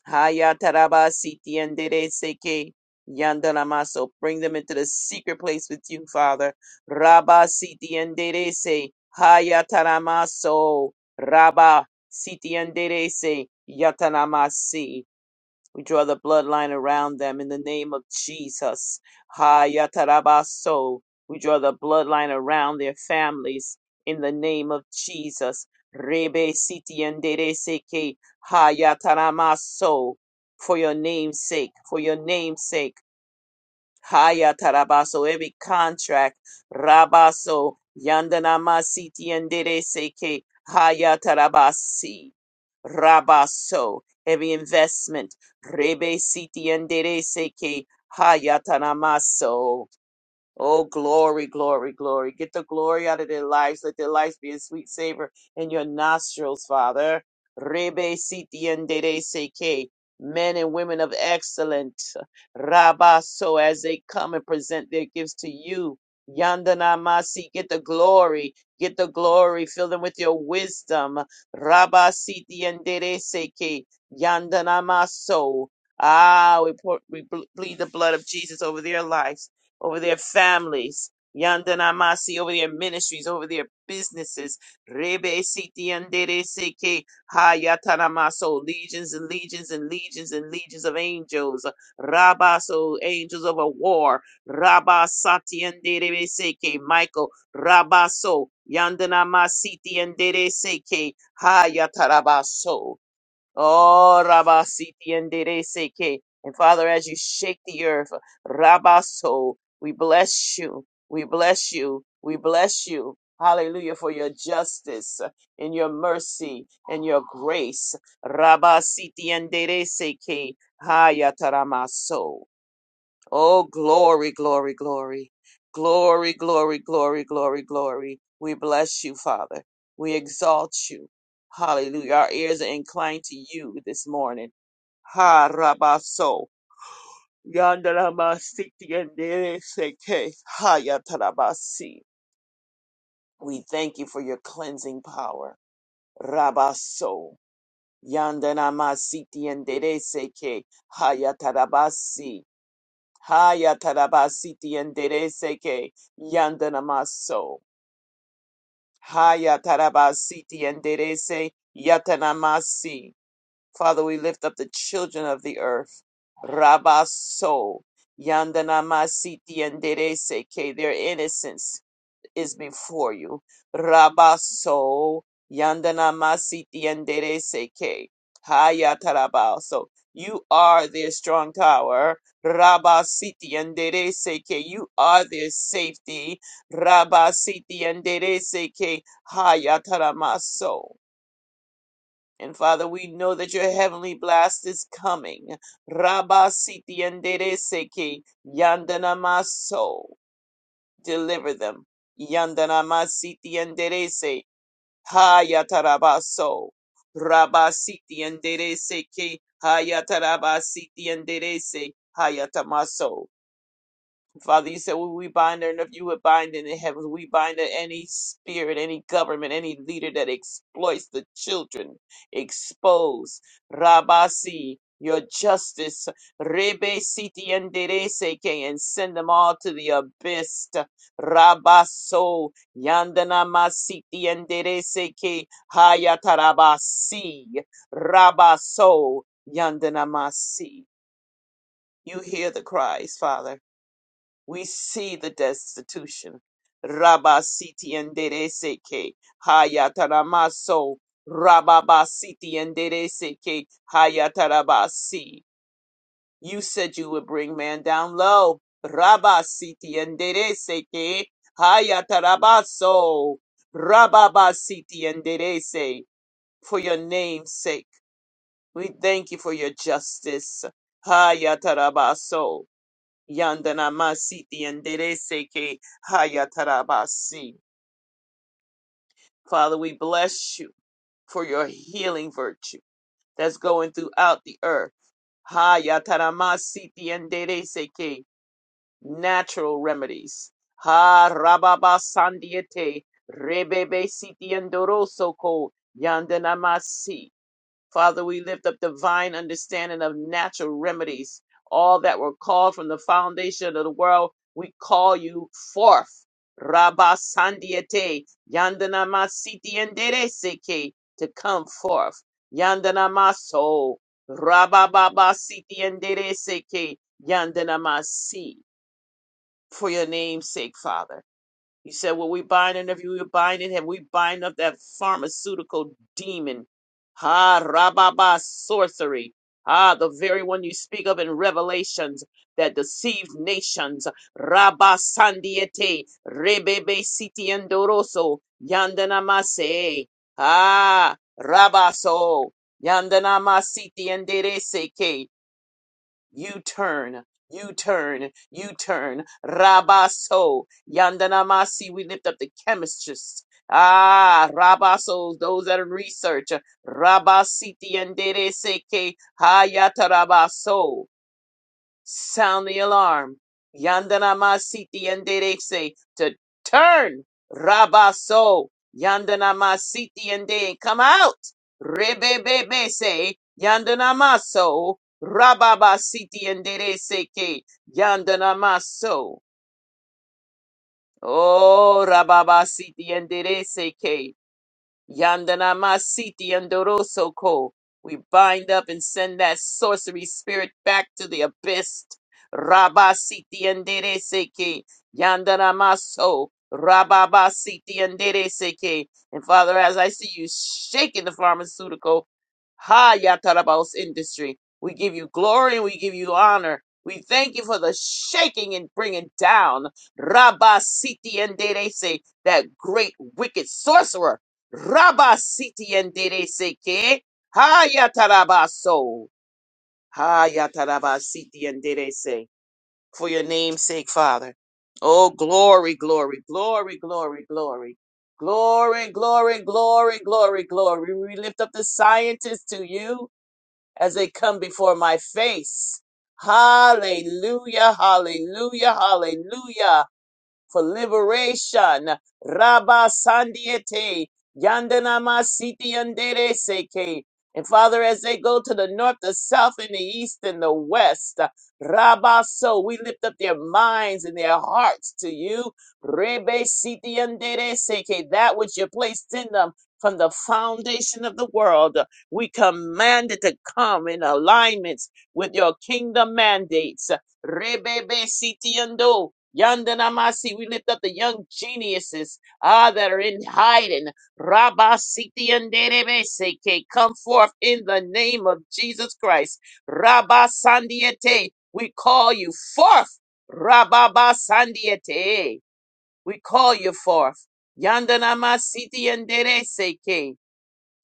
S2: Hayatarabasiti enderece que yandanamaso. Bring them into the secret place with you, Father. Rabba siti enderece hayataramaso. Rabba siti enderece yatanamasi. We draw the bloodline around them in the name of Jesus. Ha yatarabaso. We draw the bloodline around their families in the name of Jesus. Rebe siti seke ha yataramaso. For your name's sake, for your name's sake. Haya tarabaso, every contract, rabaso, yandanamasiti seke, haya tarabasi, rabaso, every investment, rebe siti endere seke, haya tanamaso. Oh, glory, glory, glory. Get the glory out of their lives. Let their lives be a sweet savor in your nostrils, Father. Rebe siti en dede seke. Men and women of excellence. Rabba, so as they come and present their gifts to you. Yandana Masi, get the glory, get the glory, fill them with your wisdom. Rabba Siti and Seke, Yandana Maso. Ah, we, pour, we bleed the blood of Jesus over their lives over their families. Yandanamasi over their ministries, over their businesses. Rebe siti andere seke hayatanamaso. Legions and legions and legions and legions of angels. Rabaso, angels of a war. rabasati sati andere seke. Michael, Rabaso. Yandanama siti andere seke hayatarabaso. Oh, Rabasiti and Dede Seke. And Father, as you shake the earth, Rabaso, we bless you. We bless you. We bless you. Hallelujah for your justice and your mercy and your grace. Rabasiti and Dede Seke. Hayataramaso. Oh, glory, glory, glory. Glory, glory, glory, glory, glory. We bless you, Father. We exalt you. Hallelujah. Our ears are inclined to you this morning. Ha rabaso. Yandalamasi tiendereseke. Hayatalabasi. We thank you for your cleansing power. Rabaso. Yandanamasi tiendereseke. Hayatalabasi. Haya tarabasiti enderece que yandanamaso. Haya tarabasiti enderece yatanamasi. Father, we lift up the children of the earth. Rabaso. Yandanamasiti enderece que their innocence is before you. Rabaso yandana masiti yandere seke haya tarabaso. You are their strong tower. Rabasiti yandere seke. You are their safety. Rabasiti yandere seke haya taramaso. And Father, we know that your heavenly blast is coming. Rabasiti yandere seke yandana maso deliver them. Yandanamasiti enderece, hayatarabaso. Rabasiti enderece que hayatarabasiti enderece, hayatamaso. Father, you said when we bind on earth, you would bind in the heavens. We bind any spirit, any government, any leader that exploits the children. Expose. Rabasi, your justice. Rebe siti enderece que, and send them all to the abyss. Rabaso, yandana masiti enderece que, hayatarabasi. Rabaso, yandana masi. You hear the cries, Father. We see the destitution. Rabasiti and Dereseke, Hayataramaso, Rababasiti and Dereseke, Hayatarabasi. You said you would bring man down low. Rabasiti and Dereseke, Hayatarabaso, Rababasiti and Derese. For your name's sake, we thank you for your justice. Hayatarabaso. Yandana masiti yanderese ke hayatarabasi. Father, we bless you for your healing virtue that's going throughout the earth. Hayataramasiti yanderese ke natural remedies. Ha rababa sandiete rebebe siti yandoroso ko yandanamasi. Father, we lift up divine understanding of natural remedies. All that were called from the foundation of the world, we call you forth. Rabba Sandiete, Yandanama Siti Endereseke, to come forth. Yandanama So, Rabba Baba Siti Endereseke, Yandanama Si, for your name's sake, Father. He said, Well, we bind and if you bind it, have we bind up that pharmaceutical demon? Ha Rababa sorcery. Ah, the very one you speak of in Revelations that deceived nations. Rabba Sandiete, Rebebe Siti Andoroso, Yandanamase. Ah, Rabaso, Yandanamasiti Enderese ke. U turn, U turn, U turn. Rabaso, Yandanamasi, we lift up the chemists. Ah, Rabasos, those that are in research. Rabasiti and Dereseke, Hayata Rabaso. Sound the alarm. Yandana masiti enderece to turn. Rabaso. Yandana masiti ende come out. Rebebebese. Yandana maso. Rababasiti enderece que. Yandana maso. Oh, rababasiti enderece que. Yandana Masiti Andoroso Ko. We bind up and send that sorcery spirit back to the abyss. Rabasiti Andereseke. Yandana Maso. Rababasiti Andereseke. And Father, as I see you shaking the pharmaceutical ha Yatarabos industry, we give you glory and we give you honor. We thank you for the shaking and bringing down Rabasiti Anderese, that great wicked sorcerer. Rabasiti and Dereseke. Hayatarabaso. Hayatarabasiti and Derese. For your name's sake, Father. Oh, glory, glory, glory, glory, glory. Glory, glory, glory, glory, glory. We lift up the scientists to you as they come before my face. Hallelujah, hallelujah, hallelujah for liberation. Rabba Sandiete, Yandanama Siti Andere Seke. And Father, as they go to the north, the south, and the east, and the west, Rabba So, we lift up their minds and their hearts to you. Rebe Siti Andere Seke, that which you placed in them from the foundation of the world, we command it to come in alignment with your kingdom mandates. Rebe Siti Yandanamasi, we lift up the young geniuses ah, that are in hiding. Rabba Siti and Derebeseke, come forth in the name of Jesus Christ. Rabba Sandiete, we call you forth. Rabba Ba Sandiete, we call you forth. Yandanama Siti and Derebeseke.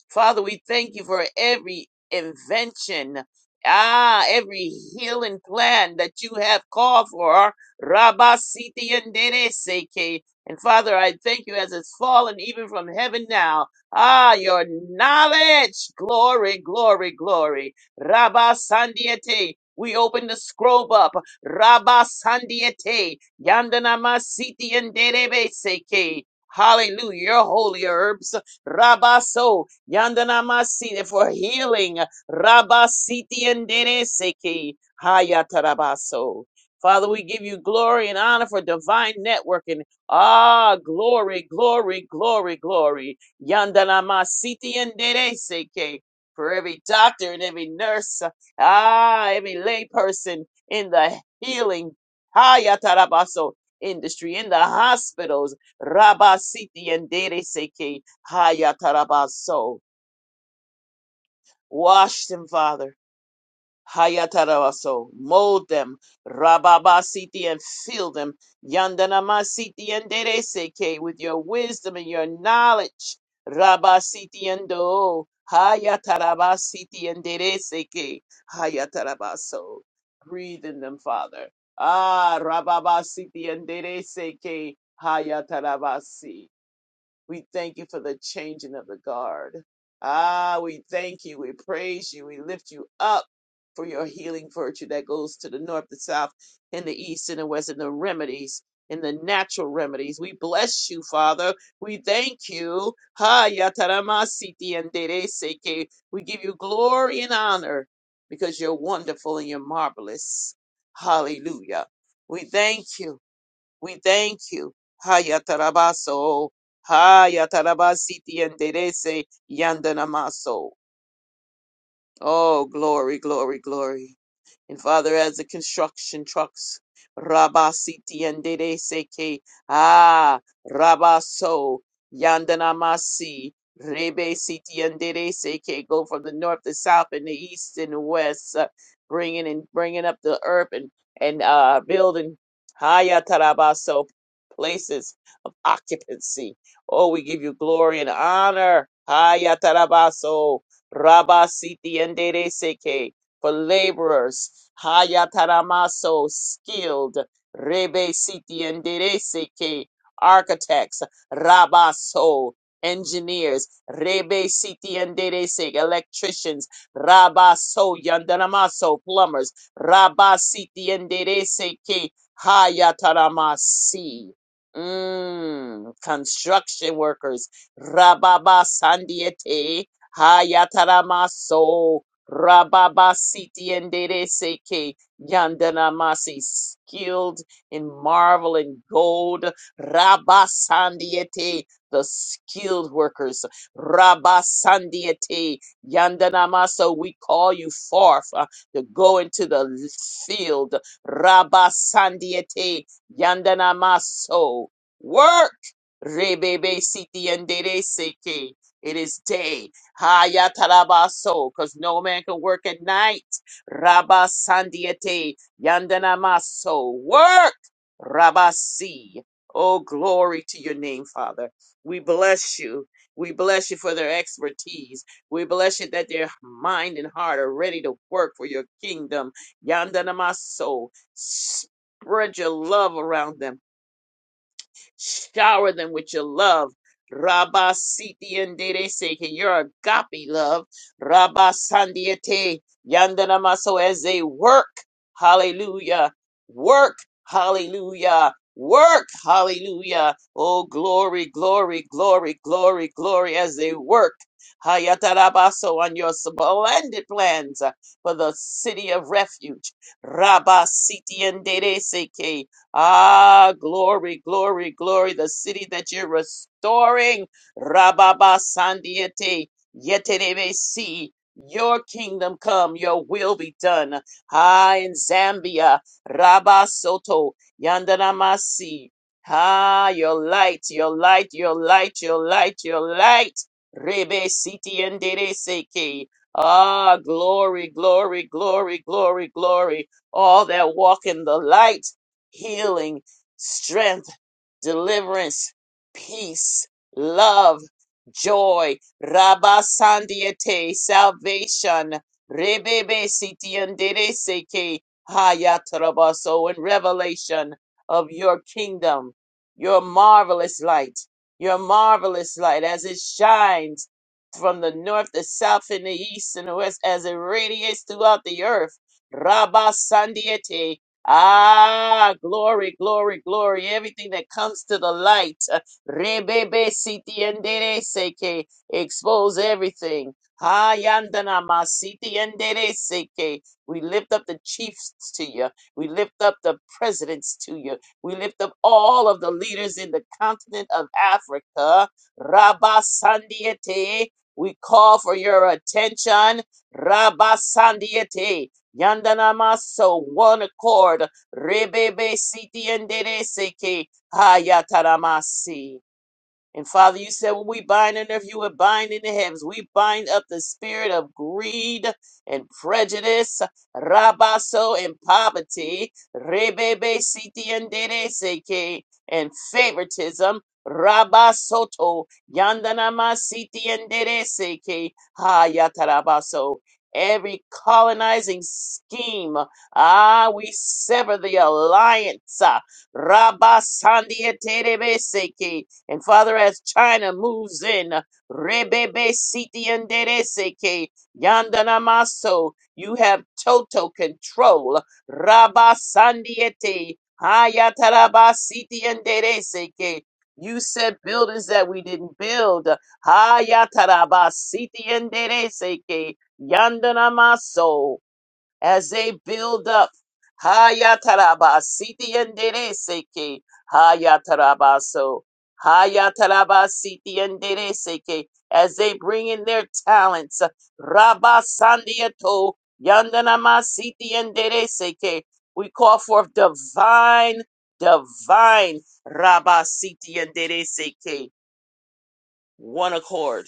S2: Father, we thank you for every invention, ah, every healing plan that you have called for. Rabba Siti and Dede Seke. And Father, I thank you as it's fallen even from heaven now. Ah, your knowledge. Glory, glory, glory. Rabba Sandiete. We open the scroll up. Rabba Sandiete. Yandanama Siti and Dede Seke. Hallelujah. Your holy herbs. Rabaso. Yandanamasi for healing. Rabasiti and Dereseki Hayatarabaso. Father, we give you glory and honor for divine networking. Ah, glory, glory, glory, glory. Yandanamasiti and Dereseke. For every doctor and every nurse, ah, every layperson in the healing Hayatarabaso industry, in the hospitals, Rabasiti and Dereseke. Hayatarabaso. Wash them, Father. Hayatarabaso. Mold them. Rababasiti and fill them. Yandanamasiti and dereseke with your wisdom and your knowledge. Rabasiti and do. Hayatarabasiti and dereseke. Hayatarabaso. Breathe in them, Father. Ah, Rababasiti and dereseke. Hayatarabasi. We thank you for the changing of the guard. Ah, we thank you. We praise you. We lift you up for your healing virtue that goes to the north, the south, and the east, and the west, and the remedies, and the natural remedies. We bless you, Father. We thank you. Ha yatarama siti and dere seke. We give you glory and honor because you're wonderful and you're marvelous. Hallelujah. We thank you. We thank you. Hayatarabaso. Hayatarabasiti enderece yandanamaso. Oh, glory, glory, glory. And Father, as the construction trucks, Rabasiti and Dede Seke, Ah, Rabaso, Yandanamasi, Rebe Siti and Dede Seke, go from the north, the south, and the east and the west, uh, bringing and bringing up the earth and, and uh, building Hayatarabaso places of occupancy. Oh, we give you glory and honor. Hayatarabaso, Rabasiti and Dede Seke for laborers. Hayataramaso, skilled. Rebe siti and dereseke, architects. Rabaso, engineers. Rebe siti and dereseke, electricians. Rabaso, yandanamaso, plumbers. Rabasiti and dereseke, hayataramasi. Mm, construction workers. Rababa sandiete, hayataramaso. Rababa Siti and Dere Seke Yandana Masi, skilled in marvel and gold. Rabba sandiete the skilled workers. Rabasandiete Yandana Maso, we call you forth uh, to go into the field. Rabasandiete Yandana Maso, work. Rebebe Siti and Dere Seke, it is day. Hayatarabaso, because no man can work at night. Rabba Sandiate Yandanamaso. Work Rabasi. Oh, glory to your name, Father. We bless you. We bless you for their expertise. We bless you that their mind and heart are ready to work for your kingdom. Yandanamaso. Spread your love around them. Shower them with your love. Rabba Siti and Dede Seke, your agape love. Rabba Sandiate Yandanamaso as they work. Hallelujah. Work. Hallelujah. Work. Hallelujah. Oh, glory, glory, glory, glory, glory as they work. Hayatarabaso on your splendid plans for the city of refuge. Rabba Siti and Dede Seke. Ah, glory, glory, glory. The city that you're restoring. Rababa Sandiete. Yeterebe si. Your kingdom come, your will be done. Ah, in Zambia. Rabba Soto. Yandanamasi. Ah, your light, your light, your light, your light, your light. Rebe siti endere seke. Ah, glory, glory, glory, glory, glory. All that walk in the light healing, strength, deliverance, peace, love, joy, rabasandiete, salvation, rebebe sitiandereseke, hayatarabaso, and revelation of your kingdom, your marvelous light, your marvelous light as it shines from the north, the south, and the east, and the west, as it radiates throughout the earth. Rabba Sandiete, Ah, glory, glory, glory. Everything that comes to the light. uh, Rebebe siti endere seke. Expose everything. Ha yandana ma siti endere seke. We lift up the chiefs to you. We lift up the presidents to you. We lift up all of the leaders in the continent of Africa. Rabba Sandiete. We call for your attention. Rabba Sandiete. Yandanamaso, one accord. Rebebe siti enderece que hayatanamasi. And Father, you said when we bind on earth, you would bind in the heavens. We bind up the spirit of greed and prejudice, rabaso and poverty, rebebe siti and dere dereseke, and favoritism, rabasoto, yandanama siti and dereseke, ha yatarabaso. Every colonizing scheme, ah, we sever the alliance, ah, rabasandi and and Father, as China moves in, Rebebe Siti Andereseke, Yandana Maso, you have total control. Rabba Sandiete, Hayataraba Siti Andereseke. You said buildings that we didn't build. Hayataraba Siti Andereseke, Yandana Maso as they build up. Hayataraba siti endere seke. Hayataraba so. Hayataraba siti endere seke. As they bring in their talents. Rabba sandiato. Yandanama siti endere seke. We call forth divine, divine. Rabba siti endere seke. One accord.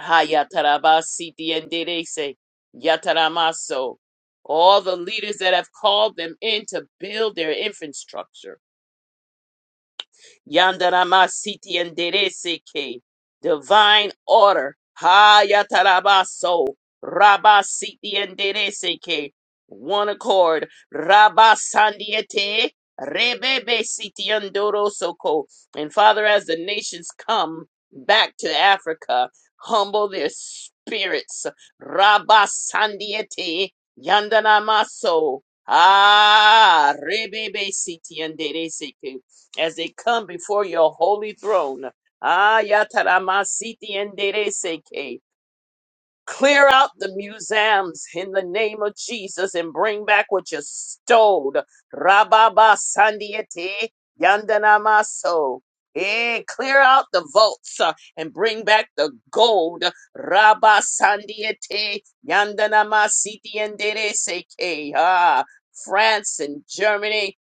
S2: Hayatarabasiti and Derese, Yataramaso, all the leaders that have called them in to build their infrastructure Yandarama Siti and Dereseke. Divine order. Hayatarabaso. Rabba Siti and Dereseke. One accord. Rabba Sandiete. Rebebe Siti and And Father, as the nations come back to Africa, humble their spirits. Rabba Sandiete. Yandanamaso. Ah, rebebe siti anderese as they come before your holy throne. Ah, yataramasiti and Clear out the museums in the name of Jesus and bring back what you stole. Rababa Sandiete Yandanamaso. Eh, clear out the vaults uh, and bring back the gold. Rabba Sandiete Yandanamasiti Endereseke. Ah, France and Germany.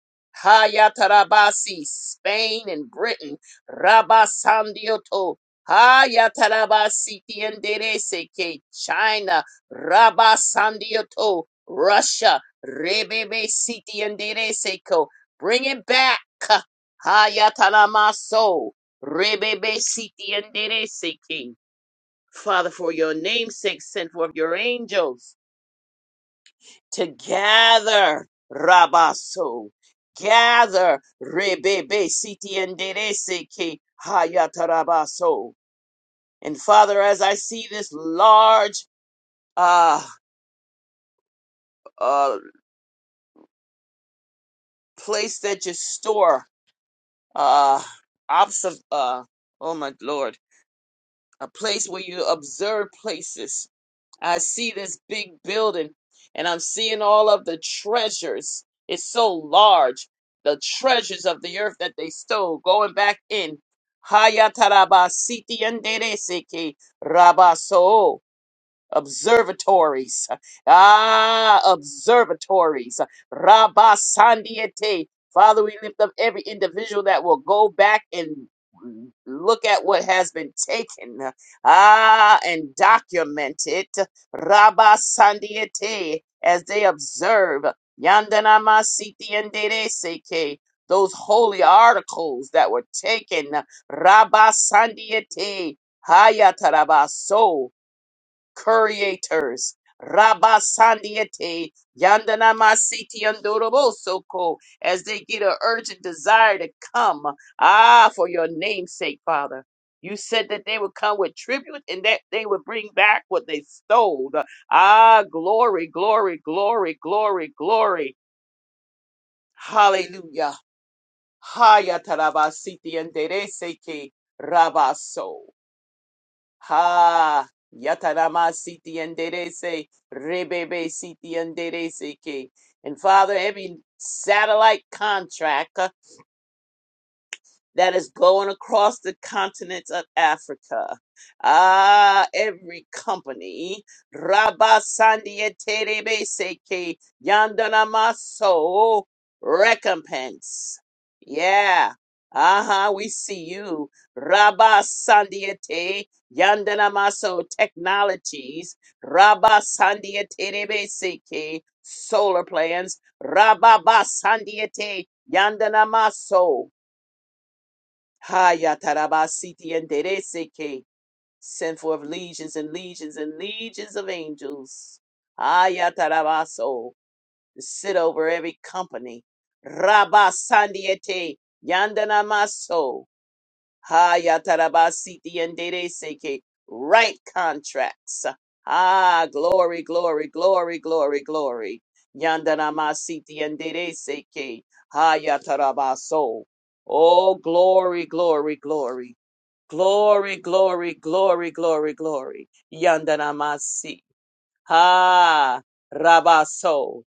S2: Hayatarabasi, Spain and Britain. Rabba Sandioto. Hayatarabasitiendereseke, China, Rabasandioto, Russia, Rebebe Sitiendereseko, bring it back. Hayatarama so Rebebe Sitiendereseke. Father, for your name's sake, send forth your angels to gather Rabaso, gather Rebebe Sitiendereseke, so. And Father, as I see this large uh, uh, place that you store, uh, observe uh, oh my Lord, a place where you observe places. I see this big building and I'm seeing all of the treasures. It's so large, the treasures of the earth that they stole, going back in. Hayatarabasiti and Dereseke Rabaso. observatories. Ah, observatories. Rabba Sandiete. Father, we lift up every individual that will go back and look at what has been taken. Ah, and document it. Rabba Sandiete as they observe. Yandanama Siti and Seke. Those holy articles that were taken. Rabba Sandiete. Hayatarabaso creators. rabasandiete Sandiete, Yandana Masiti Andorobosoko, as they get an urgent desire to come. Ah, for your name's sake, Father. You said that they would come with tribute and that they would bring back what they stole. Ah, glory, glory, glory, glory, glory. Hallelujah. Hayatarabasiti and Dereseke Rabaso. Ha Yatarama Siti and Derese Rebebe Siti and Derese Ke. And Father, every satellite contract. uh, that is going across the continent of Africa. Ah, every company. Rabba Sandia Terebe Seke Yandana Maso recompense. Yeah. Uh-huh, we see you. Rabba Sandiate Yandana Maso Technologies. Rabba Sandia Terebe Seke Solar Plans. Rabba Sandiate Yandana Maso. Haya tarabasiti and dereseke. Send forth legions and legions and legions of angels. Haya tarabaso. To sit over every company. Rabasandiete yandanamaso. Haya tarabasiti and dereseke. Right contracts. Ah, glory, glory, glory, glory, glory. Yandanamasiti and dereseke. Haya tarabaso. Oh, glory, glory, glory. Glory, glory, glory, glory, glory. Yandanamasi. Ha, Rabaso.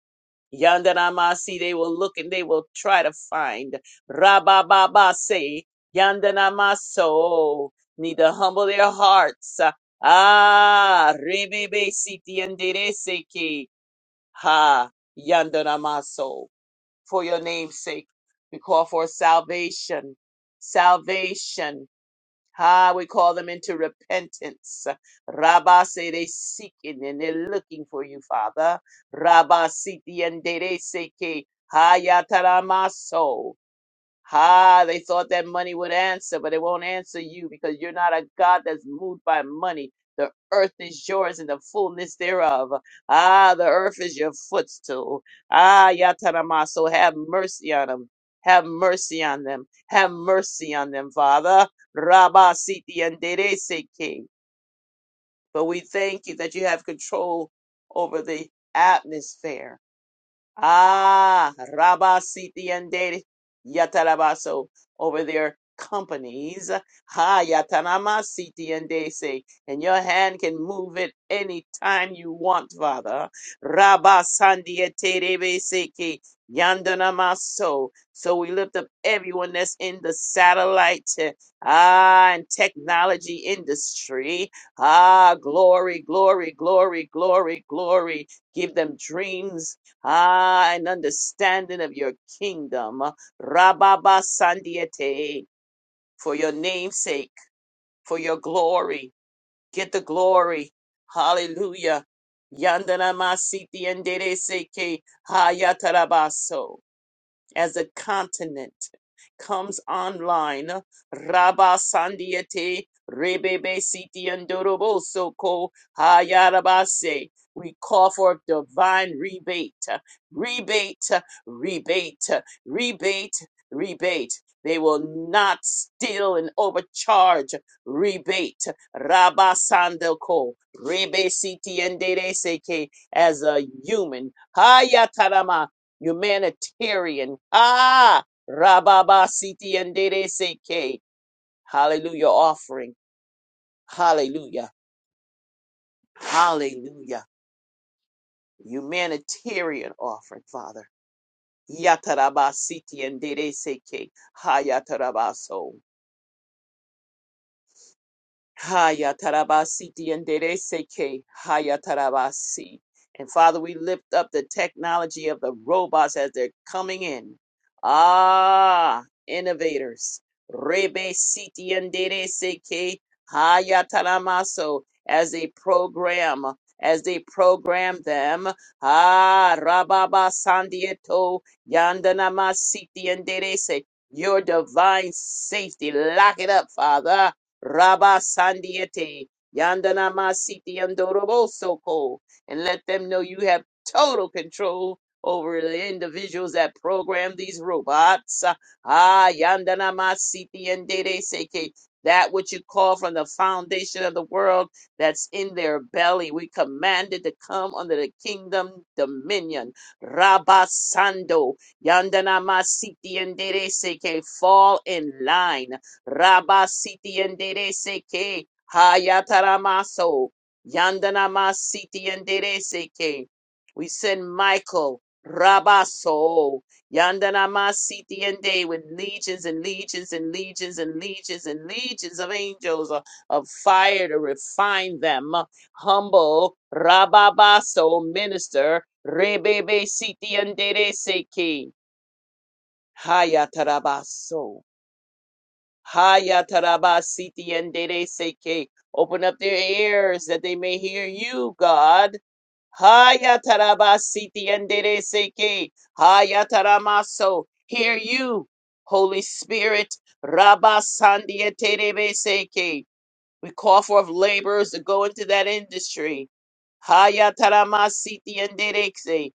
S2: Yandanamasi. They will look and they will try to find. Rabababase. Yandanamaso. Need to humble their hearts. Ah, Rebebesi tiendereseki. Ha, Yandanamaso. For your name's sake, we call for salvation. Salvation. Ah, we call them into repentance. Rabba say they seeking and they're looking for you, Father. Rabba siti and dere seke hayataramaso. Ha, they thought that money would answer, but it won't answer you because you're not a God that's moved by money. The earth is yours and the fullness thereof. Ah, the earth is your footstool. Ah, Yatarama, so have mercy on them. Have mercy on them. Have mercy on them, Father. Rabba Siti and Dereseke. But we thank you that you have control over the atmosphere Ah, Rabba Siti and Dede Yatarabaso over their companies. Ha Yatanama Siti and Dese. And your hand can move it anytime you want, Father. Rabba Sandiaterebeseke Yandanamaso. So we lift up everyone that's in the satellite eh, ah, and technology industry. Ah, glory, glory, glory, glory, glory. Give them dreams ah, an understanding of your kingdom. Rababa Sandiete, for your namesake, for your glory. Get the glory. Hallelujah. Yandanama Siti and Dere Seke Hayatarabaso as a continent comes online. Rabba Sandiete Rebebe Siti Andoroboso Ko Hayarabase. We call for divine rebate, rebate, rebate, rebate, rebate. They will not steal and overcharge. Rebate. Rabba Sandoko. Rebe Siti Andere Seke as a human. Hayatarama humanitarian. Ah, Rababa Siti and Dede Seke. Hallelujah offering. Hallelujah. Hallelujah. Humanitarian offering, Father. Yataraba Siti and Dede Seke. Hayatarabaso. Haya tarabasi diendere seke. Haya tarabasi. And Father, we lift up the technology of the robots as they're coming in. Ah, innovators. Rebe siti andere seke. Haya taramaso. As they program, as they program them. Ah, rababa sandieto. Yandanama siti andere se. Your divine safety. Lock it up, Father. Rabba Sandiete, Yandana Masiti Yandorobosoko, and let them know you have total control over the individuals that program these robots. Ah, Yandana Masiti and Dede Seke, that which you call from the foundation of the world that's in their belly. We command it to come under the kingdom dominion. Rabba Sando, Yandana Masiti and Dede Seke, fall in line. Rabasiti enderece que Hayataramaso Yandanamasiti enderece que we send Michael Rabaso Yandanamasiti ende with legions and legions and legions and legions and legions of angels of, of fire to refine them. Humble Rababaso minister Rebebe Siti enderece que Hayatarabaso. Haya taraba siti and dere seke. Open up their ears that they may hear you, God. Haya taraba siti and dere seke. Haya taramaso. Hear you, Holy Spirit. Rabba sandia terebe seke. We call forth laborers to go into that industry. Haya tarama siti and dere se.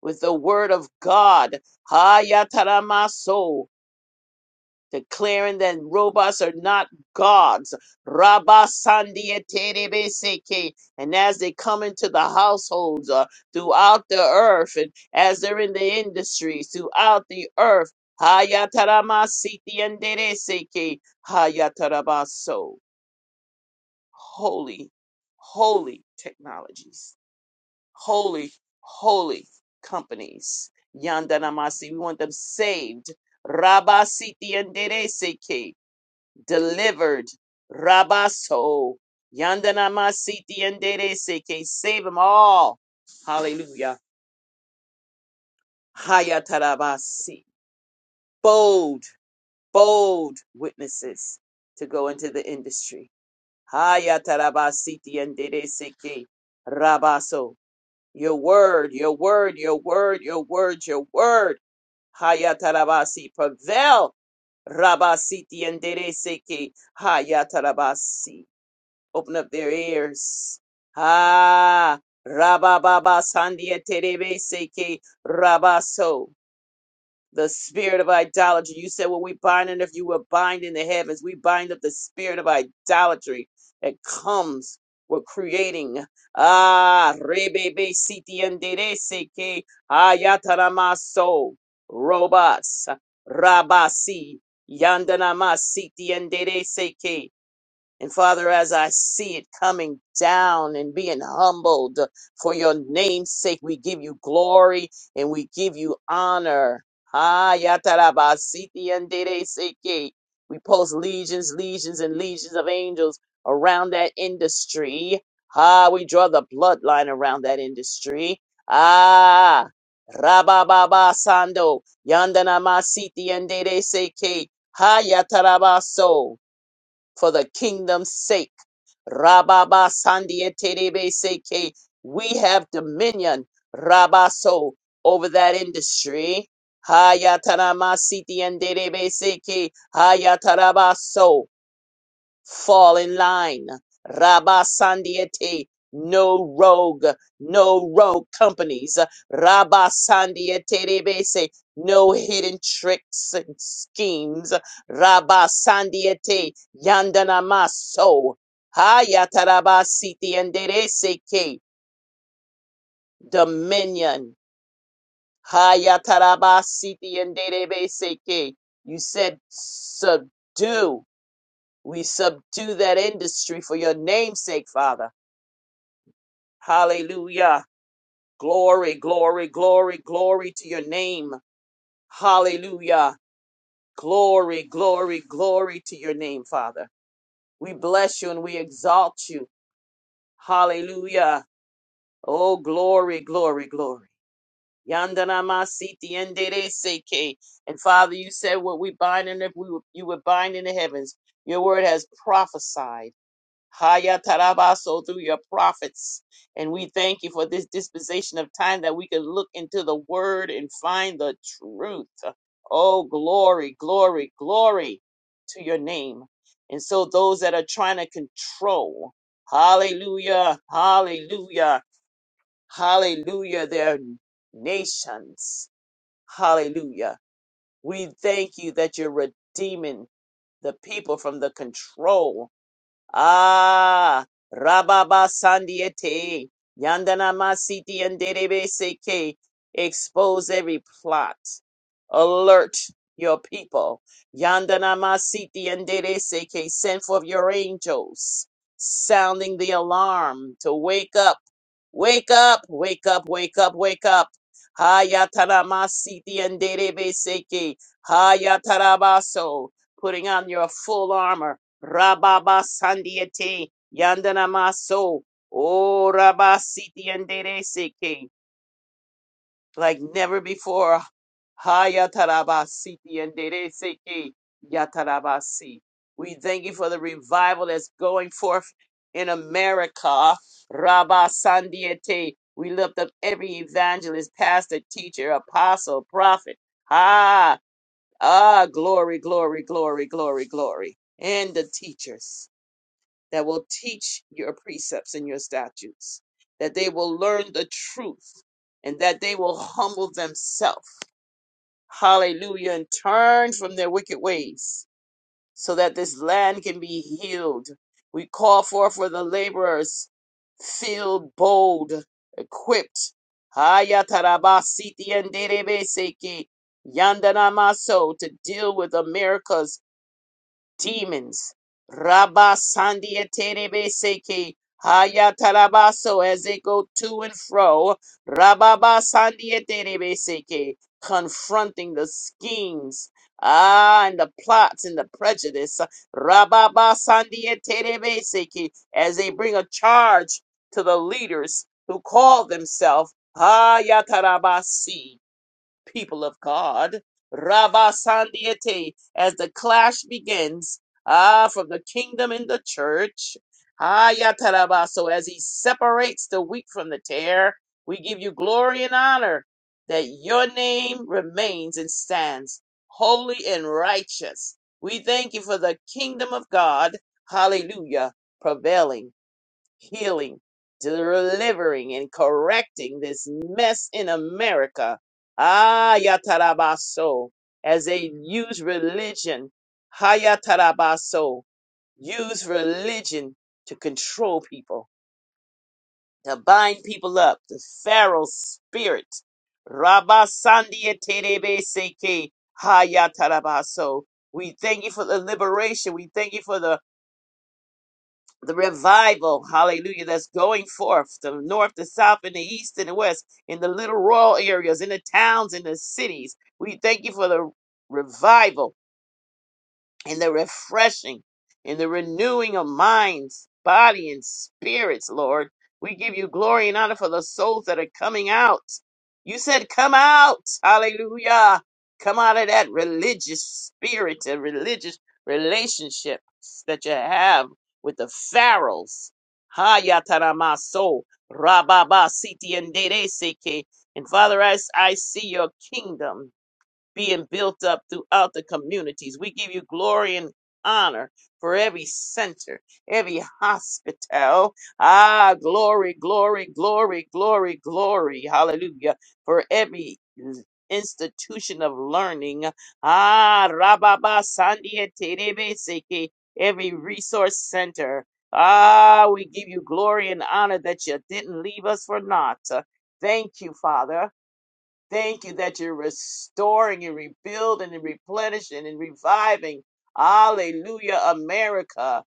S2: With the word of God. Haya taramaso declaring that robots are not gods. Rabba Sandia Terebeseke. And as they come into the households uh, throughout the earth, and as they're in the industries throughout the earth, Hayatarama Siti and Dereseke. Hayatarabaso. Holy, holy technologies, holy, holy companies. Yandanamasi, we want them saved. Rabba Siti and Dereseke delivered. Rabaso. Yandanamasiti and endere Seke. Save them all. Hallelujah. Hayatarabasi. Bold, bold witnesses to go into the industry. Hayatarabasiti and Dere Seke. Rabaso. Your word, your word, your word, your word, your word. Hayatarabasi. Prevail. Rabasiti and Dere Seke. Hayatarabasi. Open up their ears. Ah, Rabababa Sandia Terebe Seke Rabaso. The spirit of idolatry. You said, "Well, we bind it, if you will bind in the heavens, we bind up the spirit of idolatry that comes with creating." Ah, Rebebe Siti andere Seke Ayataramaso. Robots. Rabasi. Yandanama Siti andere Seke. And Father, as I see it coming down and being humbled for your name's sake, we give you glory and we give you honor. Ah, yatarabasiti and dereseke. We post legions, legions, and legions of angels around that industry. Ah, we draw the bloodline around that industry. Ah, rabababa sando, yandanamasiti and dereseke. Ha yatarabaso for the kingdom's sake. Rababa Sandiaterebe Seke. We have dominion, Rabaso, over that industry. Hayatarama Siti and Derebe Seke. Hayatarabaso fall in line. Rabba Sandiete, no rogue, no rogue companies. Rabba Sandiete Rebese, no hidden tricks and schemes. Rabba Sandiete, Yandana Maso, Hayataraba Siti and Dereseke, dominion. Hayataraba Siti and Dereseke, you said subdue. We subdue that industry for your name's sake, Father. Hallelujah. Glory, glory, glory, glory to your name. Hallelujah. Glory, glory, glory to your name, Father. We bless you and we exalt you. Hallelujah. Oh, glory, glory, glory. Yandana masiti endere seke. And Father, you said what we bind in if we you would bind in the heavens. Your word has prophesied. Haya Tarabaso through your prophets. And we thank you for this disposition of time that we can look into the word and find the truth. Oh, glory, glory, glory to your name. And so those that are trying to control, hallelujah, hallelujah, hallelujah, their nations, hallelujah. We thank you that you're redeeming the people from the control Ah, Rababa Sandiete, Yandana Masiti and Derebe Seke, expose every plot. Alert your people. Yandana Masiti and Derebe Seke, send forth your angels, sounding the alarm to wake up, wake up, wake up, wake up, wake up. Hayatana Masiti and Derebe Seke, Hayatarabaso, putting on your full armor Rababa Sandiete Yandana Maso O Rabasiti Andereseke like never before Hayatarabasiti Andereseke Yatarabasi. We thank you for the revival that's going forth in America. Rabba Sandiete. We lift up every evangelist, pastor, teacher, apostle, prophet. Ah, ah, glory, glory, glory, glory, glory. And the teachers that will teach your precepts and your statutes, that they will learn the truth and that they will humble themselves. Hallelujah. And turn from their wicked ways so that this land can be healed. We call forth for the laborers, filled, bold, equipped. Hayatarabasiti and Derebeseki, Yandanamaso to deal with America's demons. Rabba Sandia Terebe Seke Haya Tarabaso as they go to and fro. Rabba Sandia Terebe Seke confronting the schemes. Ah, and the plots and the prejudice. Rabba Sandia Terebe Seke as they bring a charge to the leaders who call themselves haya tarabasi people of God. Rabba Sandiete, as the clash begins, ah, from the kingdom and the church. Ah, ya taraba. So as he separates the wheat from the tare, we give you glory and honor that your name remains and stands holy and righteous. We thank you for the kingdom of God. Hallelujah. Prevailing healing, delivering, and correcting this mess in America. Ah, Yatarabaso, as they use religion, Hayatarabaso, use religion to control people, to bind people up, the Pharaoh spirit. Rabasandia Terebe Seke Hayatarabaso. We thank you for the liberation. We thank you for the the revival, hallelujah, that's going forth the north, the south, and the east, and the west, in the little rural areas, in the towns, in the cities. We thank you for the revival in the refreshing, in the renewing of minds, body, and spirits, Lord. We give you glory and honor for the souls that are coming out. You said, Come out. Hallelujah. Come out of that religious spirit and religious relationships that you have with the pharaohs. Hayataramaso, Rababa Siti and dede seke, And Father, as I see your kingdom being built up throughout the communities. We give you glory and honor for every center, every hospital. Ah, glory, glory, glory, glory, glory. Hallelujah. For every institution of learning. Ah, Rababa Sandia Terebe Seke, every resource center. Ah, we give you glory and honor that you didn't leave us for naught. Thank you, Father. Thank you that you're restoring and rebuilding and replenishing and reviving. Hallelujah, America.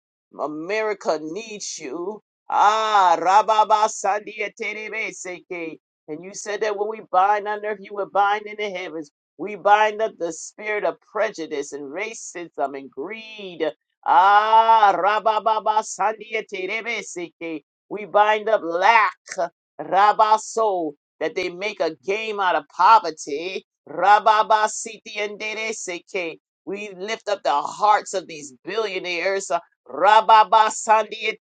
S2: America needs you. Ah, Rababa Sandia Terebe Seke. And you said that when we bind on earth, you would bind in the heavens. We bind up the spirit of prejudice and racism and greed. Ah, Rababa Sandia Terebe Seke. We bind up lack. Rabaso that they make a game out of poverty. Rababa Siti and Seke. We lift up the hearts of these billionaires. uh, Rababa Sandi and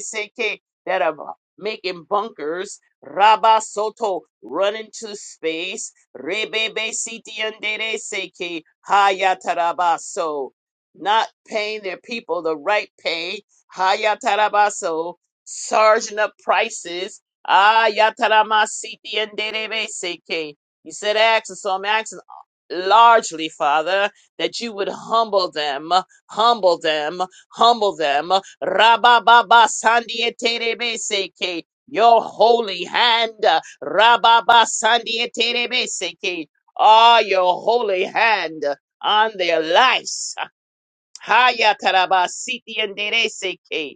S2: Seke that are making bunkers. Rabba Soto running to space. Rebebe Siti and Seke. Hayatarabaso. Not paying their people the right pay. Hayatarabaso. Charging up prices Ah, Yatarama Siti and Derebe Seke. You said ask, and so I'm asking largely, Father, that you would humble them, humble them, humble them. Rabababa Sandieterebe Seke. Your holy hand. Rababa Sandieterebe Seke. Ah, your holy hand on their lives. Hayataraba Siti and Derebe Seke.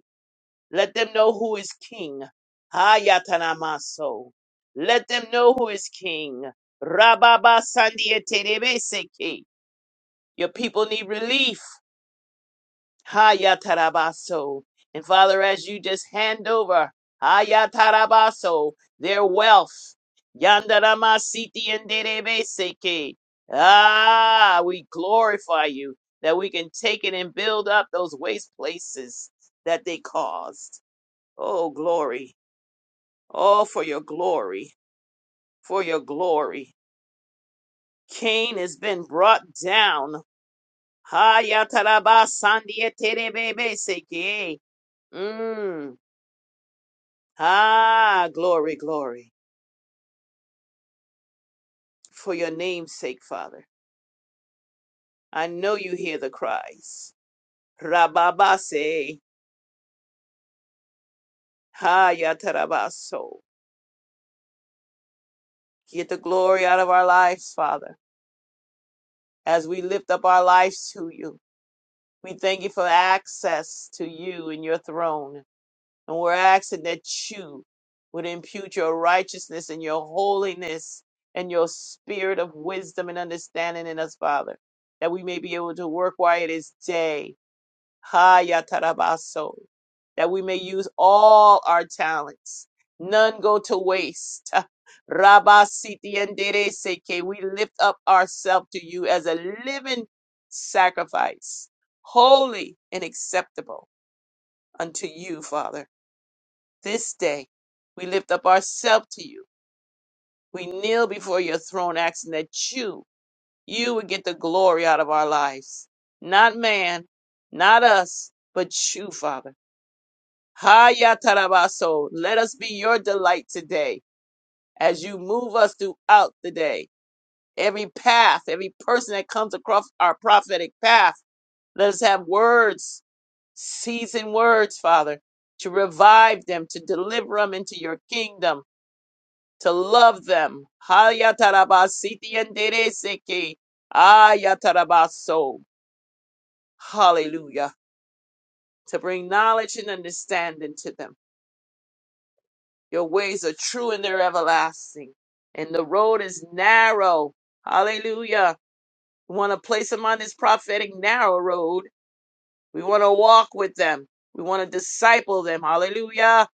S2: Let them know who is king. Hayatanamaso. Let them know who is king. Rababa Sandieterebeseke. Your people need relief. Hayatarabaso. And Father, as you just hand over Hayatarabaso, their wealth. Yandaramasiti and Derebeseke. Ah, we glorify you that we can take it and build up those waste places that they caused. Oh, glory. Oh, for your glory, for your glory. Cain has been brought down. Ha yataraba sandia terebebe seke. Mm. Ah, glory, glory. For your name's sake, Father. I know you hear the cries. Rababase. Ha yatarabaso. Get the glory out of our lives, Father, as we lift up our lives to you. We thank you for access to you and your throne. And we're asking that you would impute your righteousness and your holiness and your spirit of wisdom and understanding in us, Father, that we may be able to work while it is day. Ha ya tarabaso. That we may use all our talents. None go to waste. Rabba siti endere seke. We lift up ourselves to you as a living sacrifice, holy and acceptable unto you, Father this day we lift up ourselves to you. We kneel before your throne asking that you, you would get the glory out of our lives. Not man, not us, but you, Father. Haya tarabaso. Let us be your delight today as you move us throughout the day. Every path, every person that comes across our prophetic path, let us have words, seasoned words, Father, to revive them, to deliver them into your kingdom to love them. Hayatarabasitiyendereseke. Ayatarabaso. Hallelujah. To bring knowledge and understanding to them. Your ways are true and they're everlasting. And the road is narrow. Hallelujah. We want to place them on this prophetic narrow road. We want to walk with them. We want to disciple them. Hallelujah.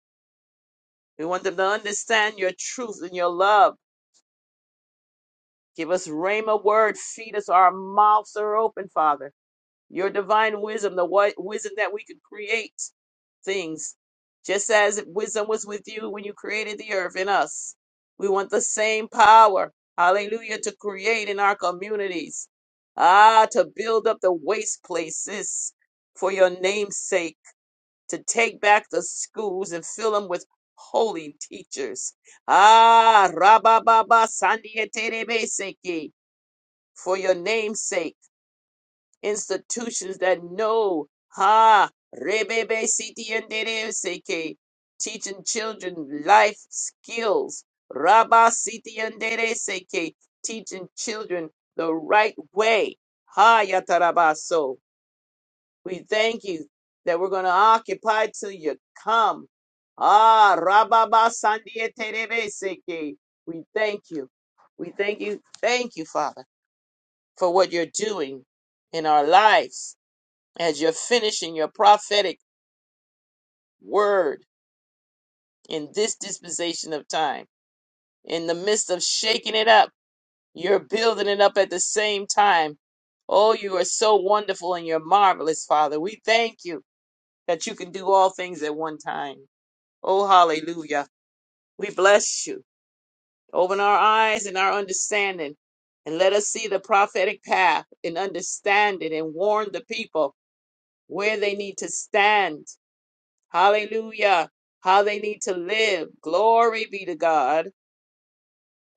S2: We want them to understand your truth and your love. Give us rhema word. Feed us. Our mouths are open, Father Your divine wisdom, the wi- wisdom that we could create things, just as wisdom was with you when you created the earth and us. We want the same power, hallelujah, to create in our communities. Ah, to build up the waste places for your name's sake, to take back the schools and fill them with holy teachers. Ah, Rabababa Sandiete Seki, for your name's sake institutions that know ha rebebe siti and dere seke teaching children life skills rabba siti and dere seke teaching children the right way ha yatarabaso we thank you that we're going to occupy till you come ah rababa sandiete seke we thank you we thank you thank you father for what you're doing in our lives as you're finishing your prophetic word in this dispensation of time. In the midst of shaking it up, you're building it up at the same time. Oh, you are so wonderful and you're marvelous, Father. We thank you that you can do all things at one time. Oh, hallelujah. We bless you. Open our eyes and our understanding and let us see the prophetic path and understand it and warn the people where they need to stand Hallelujah. How they need to live. Glory be to God.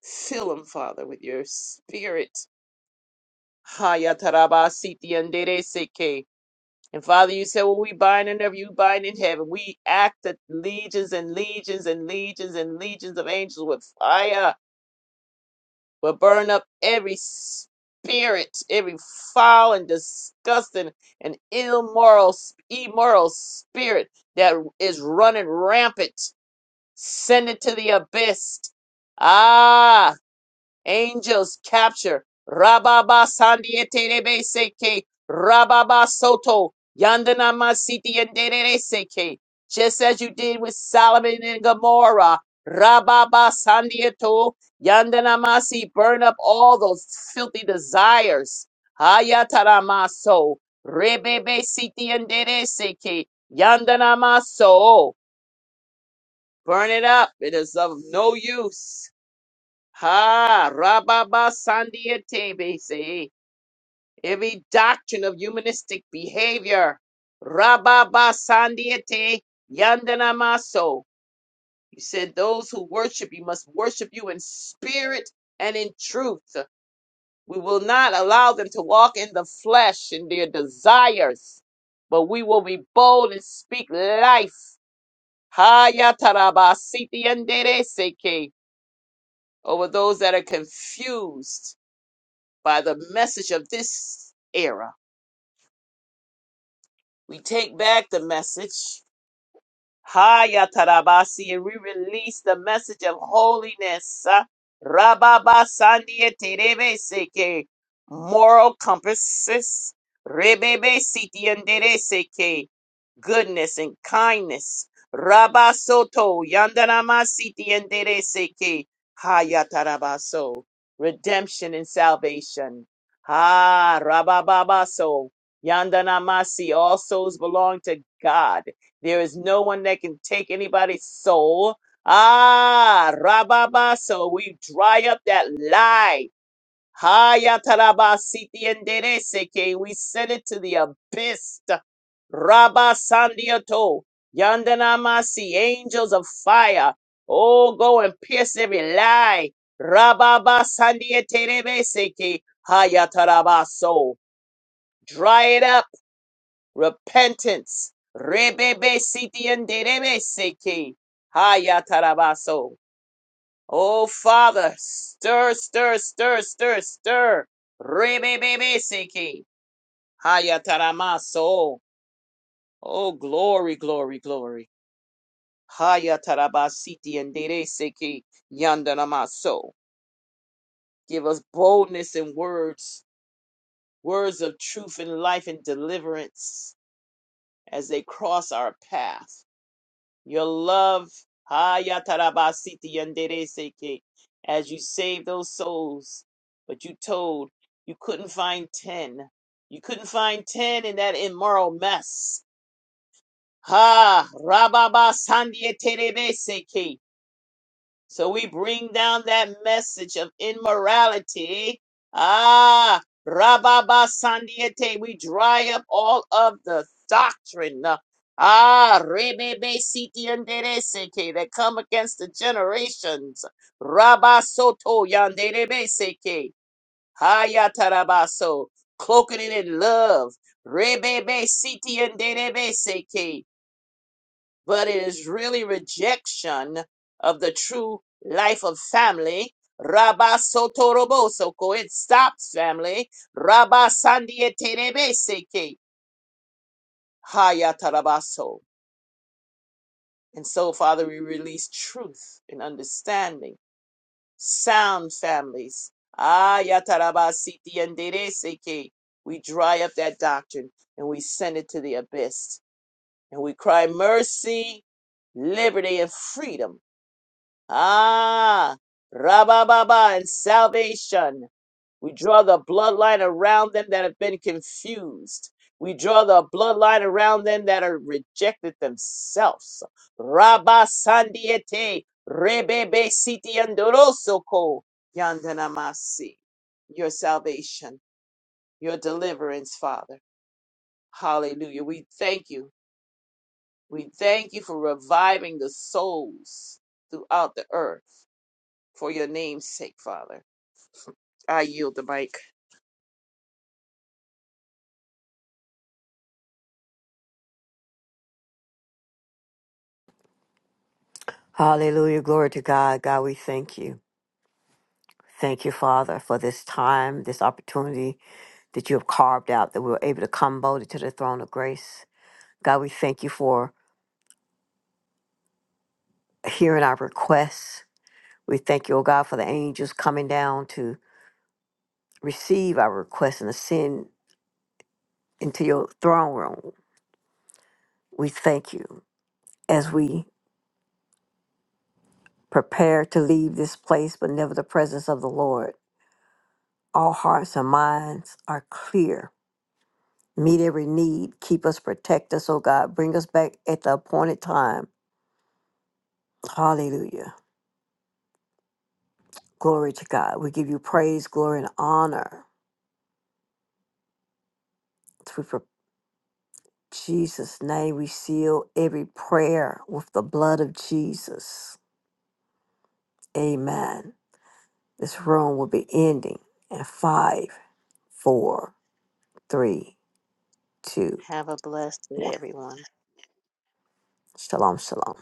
S2: Fill them, Father, with your spirit. Haya taraba siti andere seke. And Father, you said, Well, we bind in earth, you bind in heaven. We act that legions and legions and legions and legions of angels with fire will burn up every spirit, every foul and disgusting and immoral, immoral spirit that is running rampant Send it to the abyss. Ah, angels capture. Rababa Sandieterebe Seke. Rababa Soto. Yandana Masiti and Seke. Just as you did with Solomon and Gomorrah. Rababa Sandieto. Yandana Masi. Burn up all those filthy desires. Hayataramaso. Rebebe Siti and Seke. yandanamaso. Burn it up. It is of no use. Ha, rababa sandiete, say every doctrine of humanistic behavior. Rababa sandiete, yandana maso. You said those who worship you must worship you in spirit and in truth. We will not allow them to walk in the flesh and their desires, but we will be bold and speak life. Ha Yataraba siti yandere yatarabasiti over those that are confused by the message of this era. We take back the message Haya tarabasi and we release the message of holiness. uh, Rababa sandia terebe seke moral compasses, Rebebe siti andere seke goodness and kindness. Rabasoto yandanamasitiendereseke, tarabaso redemption and salvation. Ah, rabababaso, yandanamasi, all souls belong to God. There is no one that can take anybody's soul. Ah, rababa. So we dry up that lie. Haya taraba siti enderece que We send it to the abyss. Rabba sandioto. Yandanamasi, angels of fire. Oh, go and pierce every lie. Rababa sandieterebese que Haya taraba so. Dry it up repentance. Rebebe siti enderebe seki. Haya tarabaso. Oh Father, stir, stir, stir, stir, stir. Rebebe seki. Haya taramaso. Oh glory, glory, glory. Haya tarabasiti endere seki. Yandanamaso. Give us boldness in words, words of truth and life and deliverance as they cross our path. Your love, Hayatarabasiti Yandereseke, as you saved those souls, but you told you couldn't find 10. You couldn't find 10 in that immoral mess. Ha, Rababa Sandieterebeseke. So we bring down that message of immorality. Ah, Rababa Sandiete. We dry up all of the doctrine. Ah, Rebebe Siti Andereseke that come against the generations. Rabba Soto Yanderebeseke. Hayatarabaso. Cloaking it in love. Rebebe Siti Anderebeseke but it is really rejection of the true life of family. Rabba Sotorobo Soko, it stops family. Rabba Sandieterebe Seke, Hayatarabaso. And so, Father, we release truth and understanding, sound families. Ayatarabasiti andere Seke. We dry up that doctrine and we send it to the abyss. And we cry mercy, liberty, and freedom Ah, Rabababa and salvation. We draw the bloodline around them that have been confused. We draw the bloodline around them that are rejected themselves. Rabba Sandiete Rebebe Siti Andorosoko Yandanamasi. Your salvation, your deliverance, Father. Hallelujah. We thank you. We thank you for reviving the souls throughout the earth for your name's sake, Father. I yield the mic.
S1: Hallelujah. Glory to God. God, we thank you. Thank you, Father, for this time, this opportunity that you have carved out that we were able to come on. us. God, we thank you for hearing our requests. We thank you, oh God, for the angels coming down to ascend into your throne room. We thank you as we prepare to leave this place, but never the presence of the Lord. All hearts and minds are clear. Meet every need. Keep us, protect us, oh God. Bring us back at the appointed time. Hallelujah. Glory to God. We give you praise, glory, and honor. Through for Jesus' name, we seal every prayer with the blood of Jesus. Amen. This room will be ending in five, four, three, two,
S2: Have a blessed day,
S1: one.
S2: everyone.
S1: Shalom, shalom.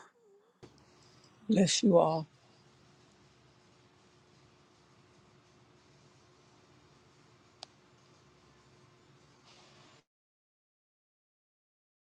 S3: Bless you all.